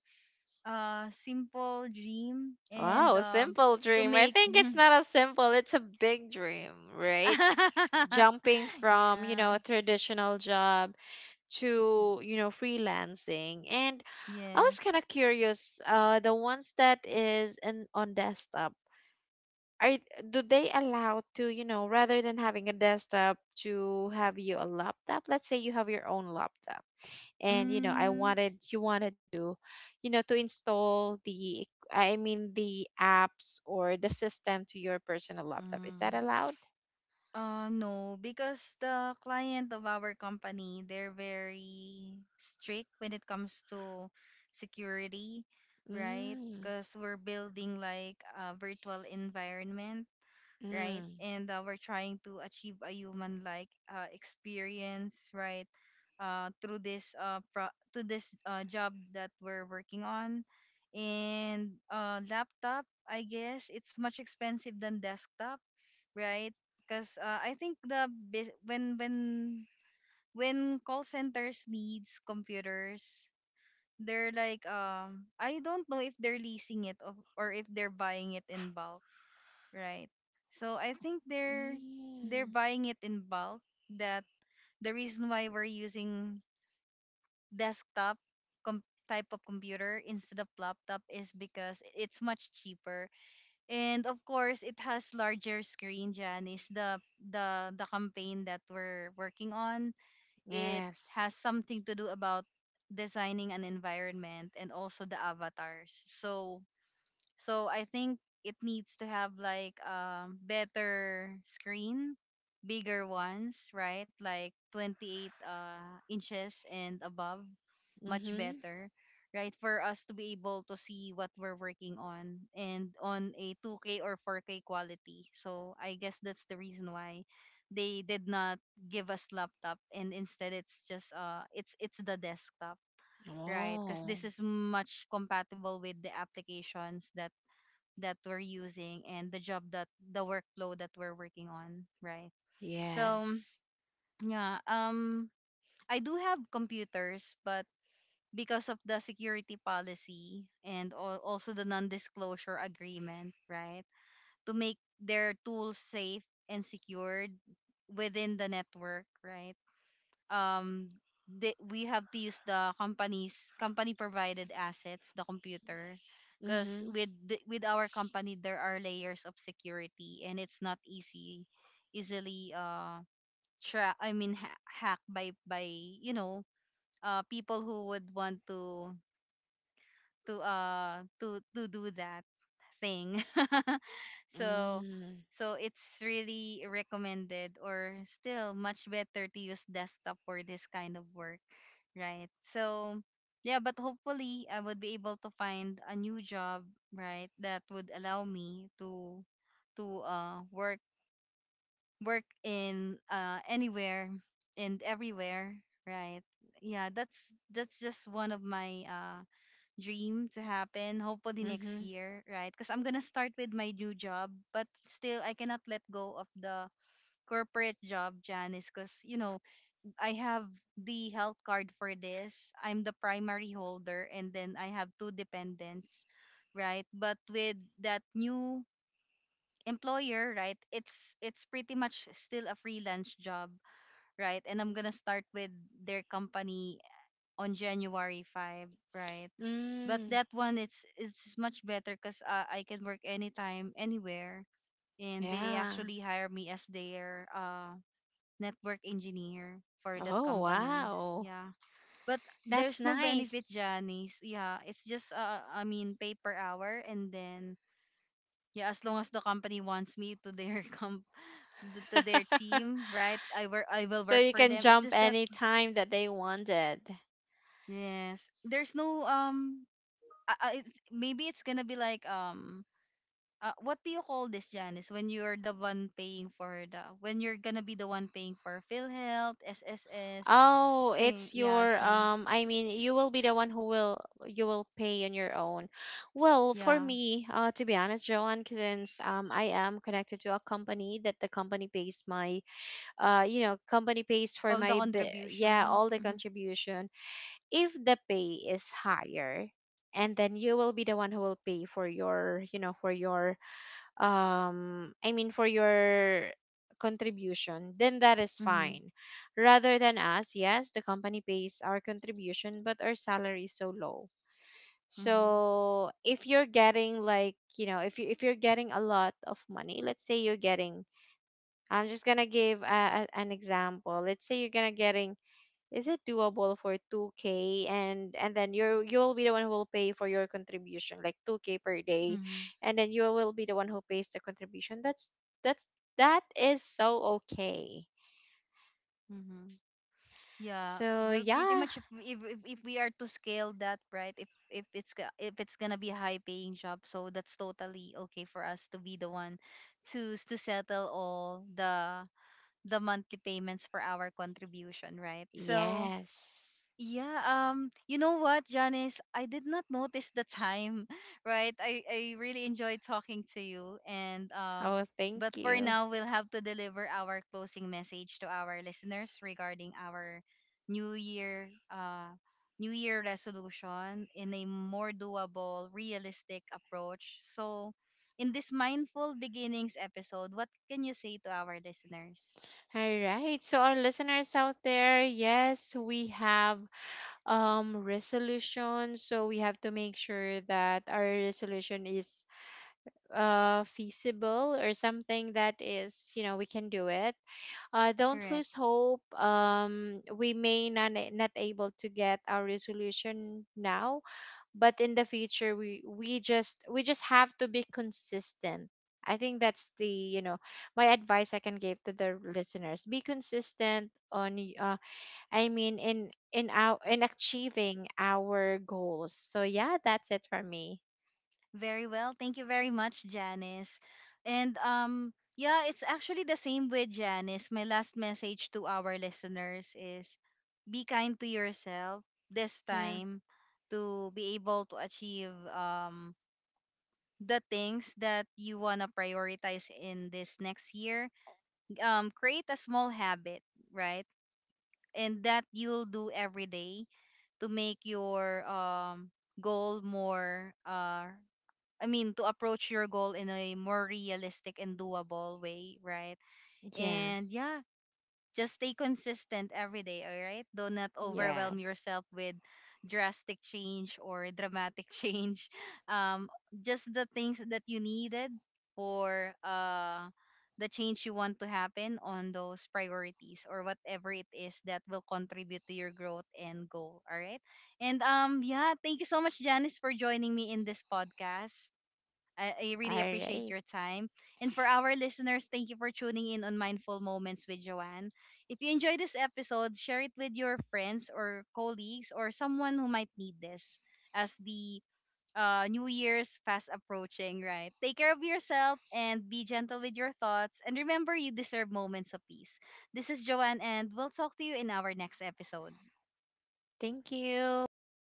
A: uh simple dream, and
B: Wow,
A: um
B: simple
A: to
B: dream. I
A: make
B: think it's not a simple, it's a big dream, right? Jumping
A: *laughs*
B: from, you
A: yeah.
B: know, a traditional job to, you know, freelancing. And I was
A: Yes.
B: kind of curious, uh the ones that is in on desktop are, do they allow to, you know, rather than having a desktop to have you a laptop, let's say you have your own laptop, and you know I
A: Mm.
B: wanted, you wanted to, you know, to install the eq- i mean the apps or the system to your personal laptop, is that
A: Mm.
B: allowed?
A: Uh no, because the client of our company, they're very strict when it comes to security, right?
B: mm,
A: Because we're building like a virtual environment, right?
B: mm.
A: And uh, we're trying to achieve a human-like uh, experience, right? Uh, through this uh pro- to this uh, job that we're working on, and uh, laptop, I guess, it's much expensive than desktop, right? Because uh, I think the bus- when when when call centers needs computers, they're like um I don't know if they're leasing it, or, or if they're buying it in bulk, right? So I think they're
B: Mm,
A: they're buying it in bulk. That the reason why we're using desktop com- type of computer instead of laptop is because it's much cheaper, and of course it has larger screen. Janice, the the the campaign that we're working on, it
B: yes.
A: has something to do about designing an environment and also the avatars. So so I think it needs to have like um better screen, bigger ones, right? Like twenty-eight uh inches and above, much
B: Mm-hmm.
A: better, right? For us to be able to see what we're working on, and on a two K or four K quality. So I guess that's the reason why they did not give us laptop, and instead it's just uh it's it's the desktop, right? Because this
B: Oh,
A: is much compatible with the applications that that we're using, and the job that the workflow that we're working on, right? So
B: yes.
A: yeah, um, I do have computers, but because of the security policy and al- also the non-disclosure agreement, right? To make their tools safe and secured within the network, right? um they, we have to use the company's company provided assets, the computer, because
B: Mm-hmm.
A: with the- with our company there are layers of security, and it's not easy easily uh tra- i mean ha- hacked by by you know, uh people who would want to to uh to to do that thing. *laughs* so
B: Mm,
A: so it's really recommended, or still much better to use desktop for this kind of work, right? So yeah, but hopefully I would be able to find a new job, right, that would allow me to to uh work work in uh anywhere and everywhere, right? Yeah, that's that's just one of my uh dream to happen, hopefully
B: mm-hmm.
A: next year, right? Because I'm gonna start with my new job, but still I cannot let go of the corporate job, Janice, because you know, I have the health card for this, I'm the primary holder, and then I have two dependents, right? But with that new employer, right, it's it's pretty much still a freelance job, right? And I'm gonna start with their company on January five, right? But
B: Mm,
A: that one, it's it's much better, because uh, I can work anytime, anywhere, and they
B: yeah.
A: actually hire me as their uh network engineer for that
B: Oh,
A: company.
B: wow.
A: Yeah, but
B: That's
A: there's no benefit,
B: nice.
A: Janice. Yeah, it's just uh I mean pay per hour, and then yeah, as long as the company wants me to their *laughs* comp th- to their
B: *laughs*
A: team, right? I work I will
B: So
A: work
B: you
A: for
B: can
A: them. It's
B: jump
A: just that
B: any time that they wanted.
A: yes, there's no um I, I, it's maybe it's gonna be like um uh, what do you call this, Janice? When you're the one paying for the, when you're gonna be the one paying for PhilHealth, S S S,
B: Oh,
A: sing,
B: it's
A: yeah,
B: your
A: so
B: um I mean you will be the one who will, you will pay on your own. Well, for
A: yeah,
B: me, uh to be honest, Joanne, since um I am connected to a company that the company pays my uh you know company pays for
A: all the
B: my b- yeah,
A: contribution.
B: all the
A: Mm-hmm,
B: contribution. If the pay is higher, and then you will be the one who will pay for your, you know, for your um i mean for your contribution, then that is
A: mm-hmm,
B: fine, rather than us. Yes, the company pays our contribution, but our salary is so low.
A: mm-hmm,
B: So if you're getting, like, you know, if you, if you're getting a lot of money, let's say you're getting, I'm just gonna give a, a, an example. Let's say you're gonna getting, is it doable for two k? And and then you're, you'll be the one who will pay for your contribution like two k per day,
A: mm-hmm,
B: and then you will be the one who pays the contribution. that's that's that is so okay.
A: mm-hmm. Yeah,
B: So
A: well, pretty
B: yeah.
A: much if, if if if we are to scale that, right? If if it's ga- if it's gonna be a high paying job, so that's totally okay for us to be the one to to settle all the the monthly payments for our contribution, right? So
B: Yes.
A: yeah, um, you know what, Janice? I did not notice the time, *laughs* right? I, I really enjoyed talking to you, and uh
B: Oh, thank
A: but for
B: you.
A: now we'll have to deliver our closing message to our listeners regarding our new year uh new year resolution in a more doable, realistic approach. So in this mindful beginnings episode, what can you say to our listeners?
B: All right, so our listeners out there, yes, we have um resolution, so we have to make sure that our resolution is uh feasible, or something that is, you know, we can do it. Uh don't
A: Correct.
B: lose hope. Um we may not, not able to get our resolution now, but in the future, we we just we just have to be consistent. I think that's the, you know, my advice I can give to the listeners: be consistent on y- I mean in in our, in achieving our goals. So yeah, that's it for me.
A: Very well. Thank you very much, Janice. And um, yeah, it's actually the same with Janice. My last message to our listeners is be kind to yourself this
B: Yeah.
A: time, to be able to achieve um the things that you want to prioritize in this next year. Um, create a small habit, right? And that you'll do every day, to make your um goal more uh I mean, to approach your goal in a more realistic and doable way, right? And
B: Yes.
A: yeah, just stay consistent every day, all right? Do not overwhelm
B: Yes.
A: yourself with drastic change or dramatic *laughs* change. Um, just the things that you needed for uh, the change you want to happen on those priorities, or whatever it is that will contribute to your growth and goal, all right? And um, yeah, thank you so much, Janice, for joining me in this podcast. I, I
B: All
A: really appreciate
B: right.
A: your time. And for our listeners, thank you for tuning in on Mindful Moments with Joanne. If you enjoyed this episode, share it with your friends or colleagues or someone who might need this, as the uh, New Year's fast approaching, right? Take care of yourself and be gentle with your thoughts. And remember, you deserve moments of peace. This is Joanne, and we'll talk to you in our next episode.
B: Thank you. Bye.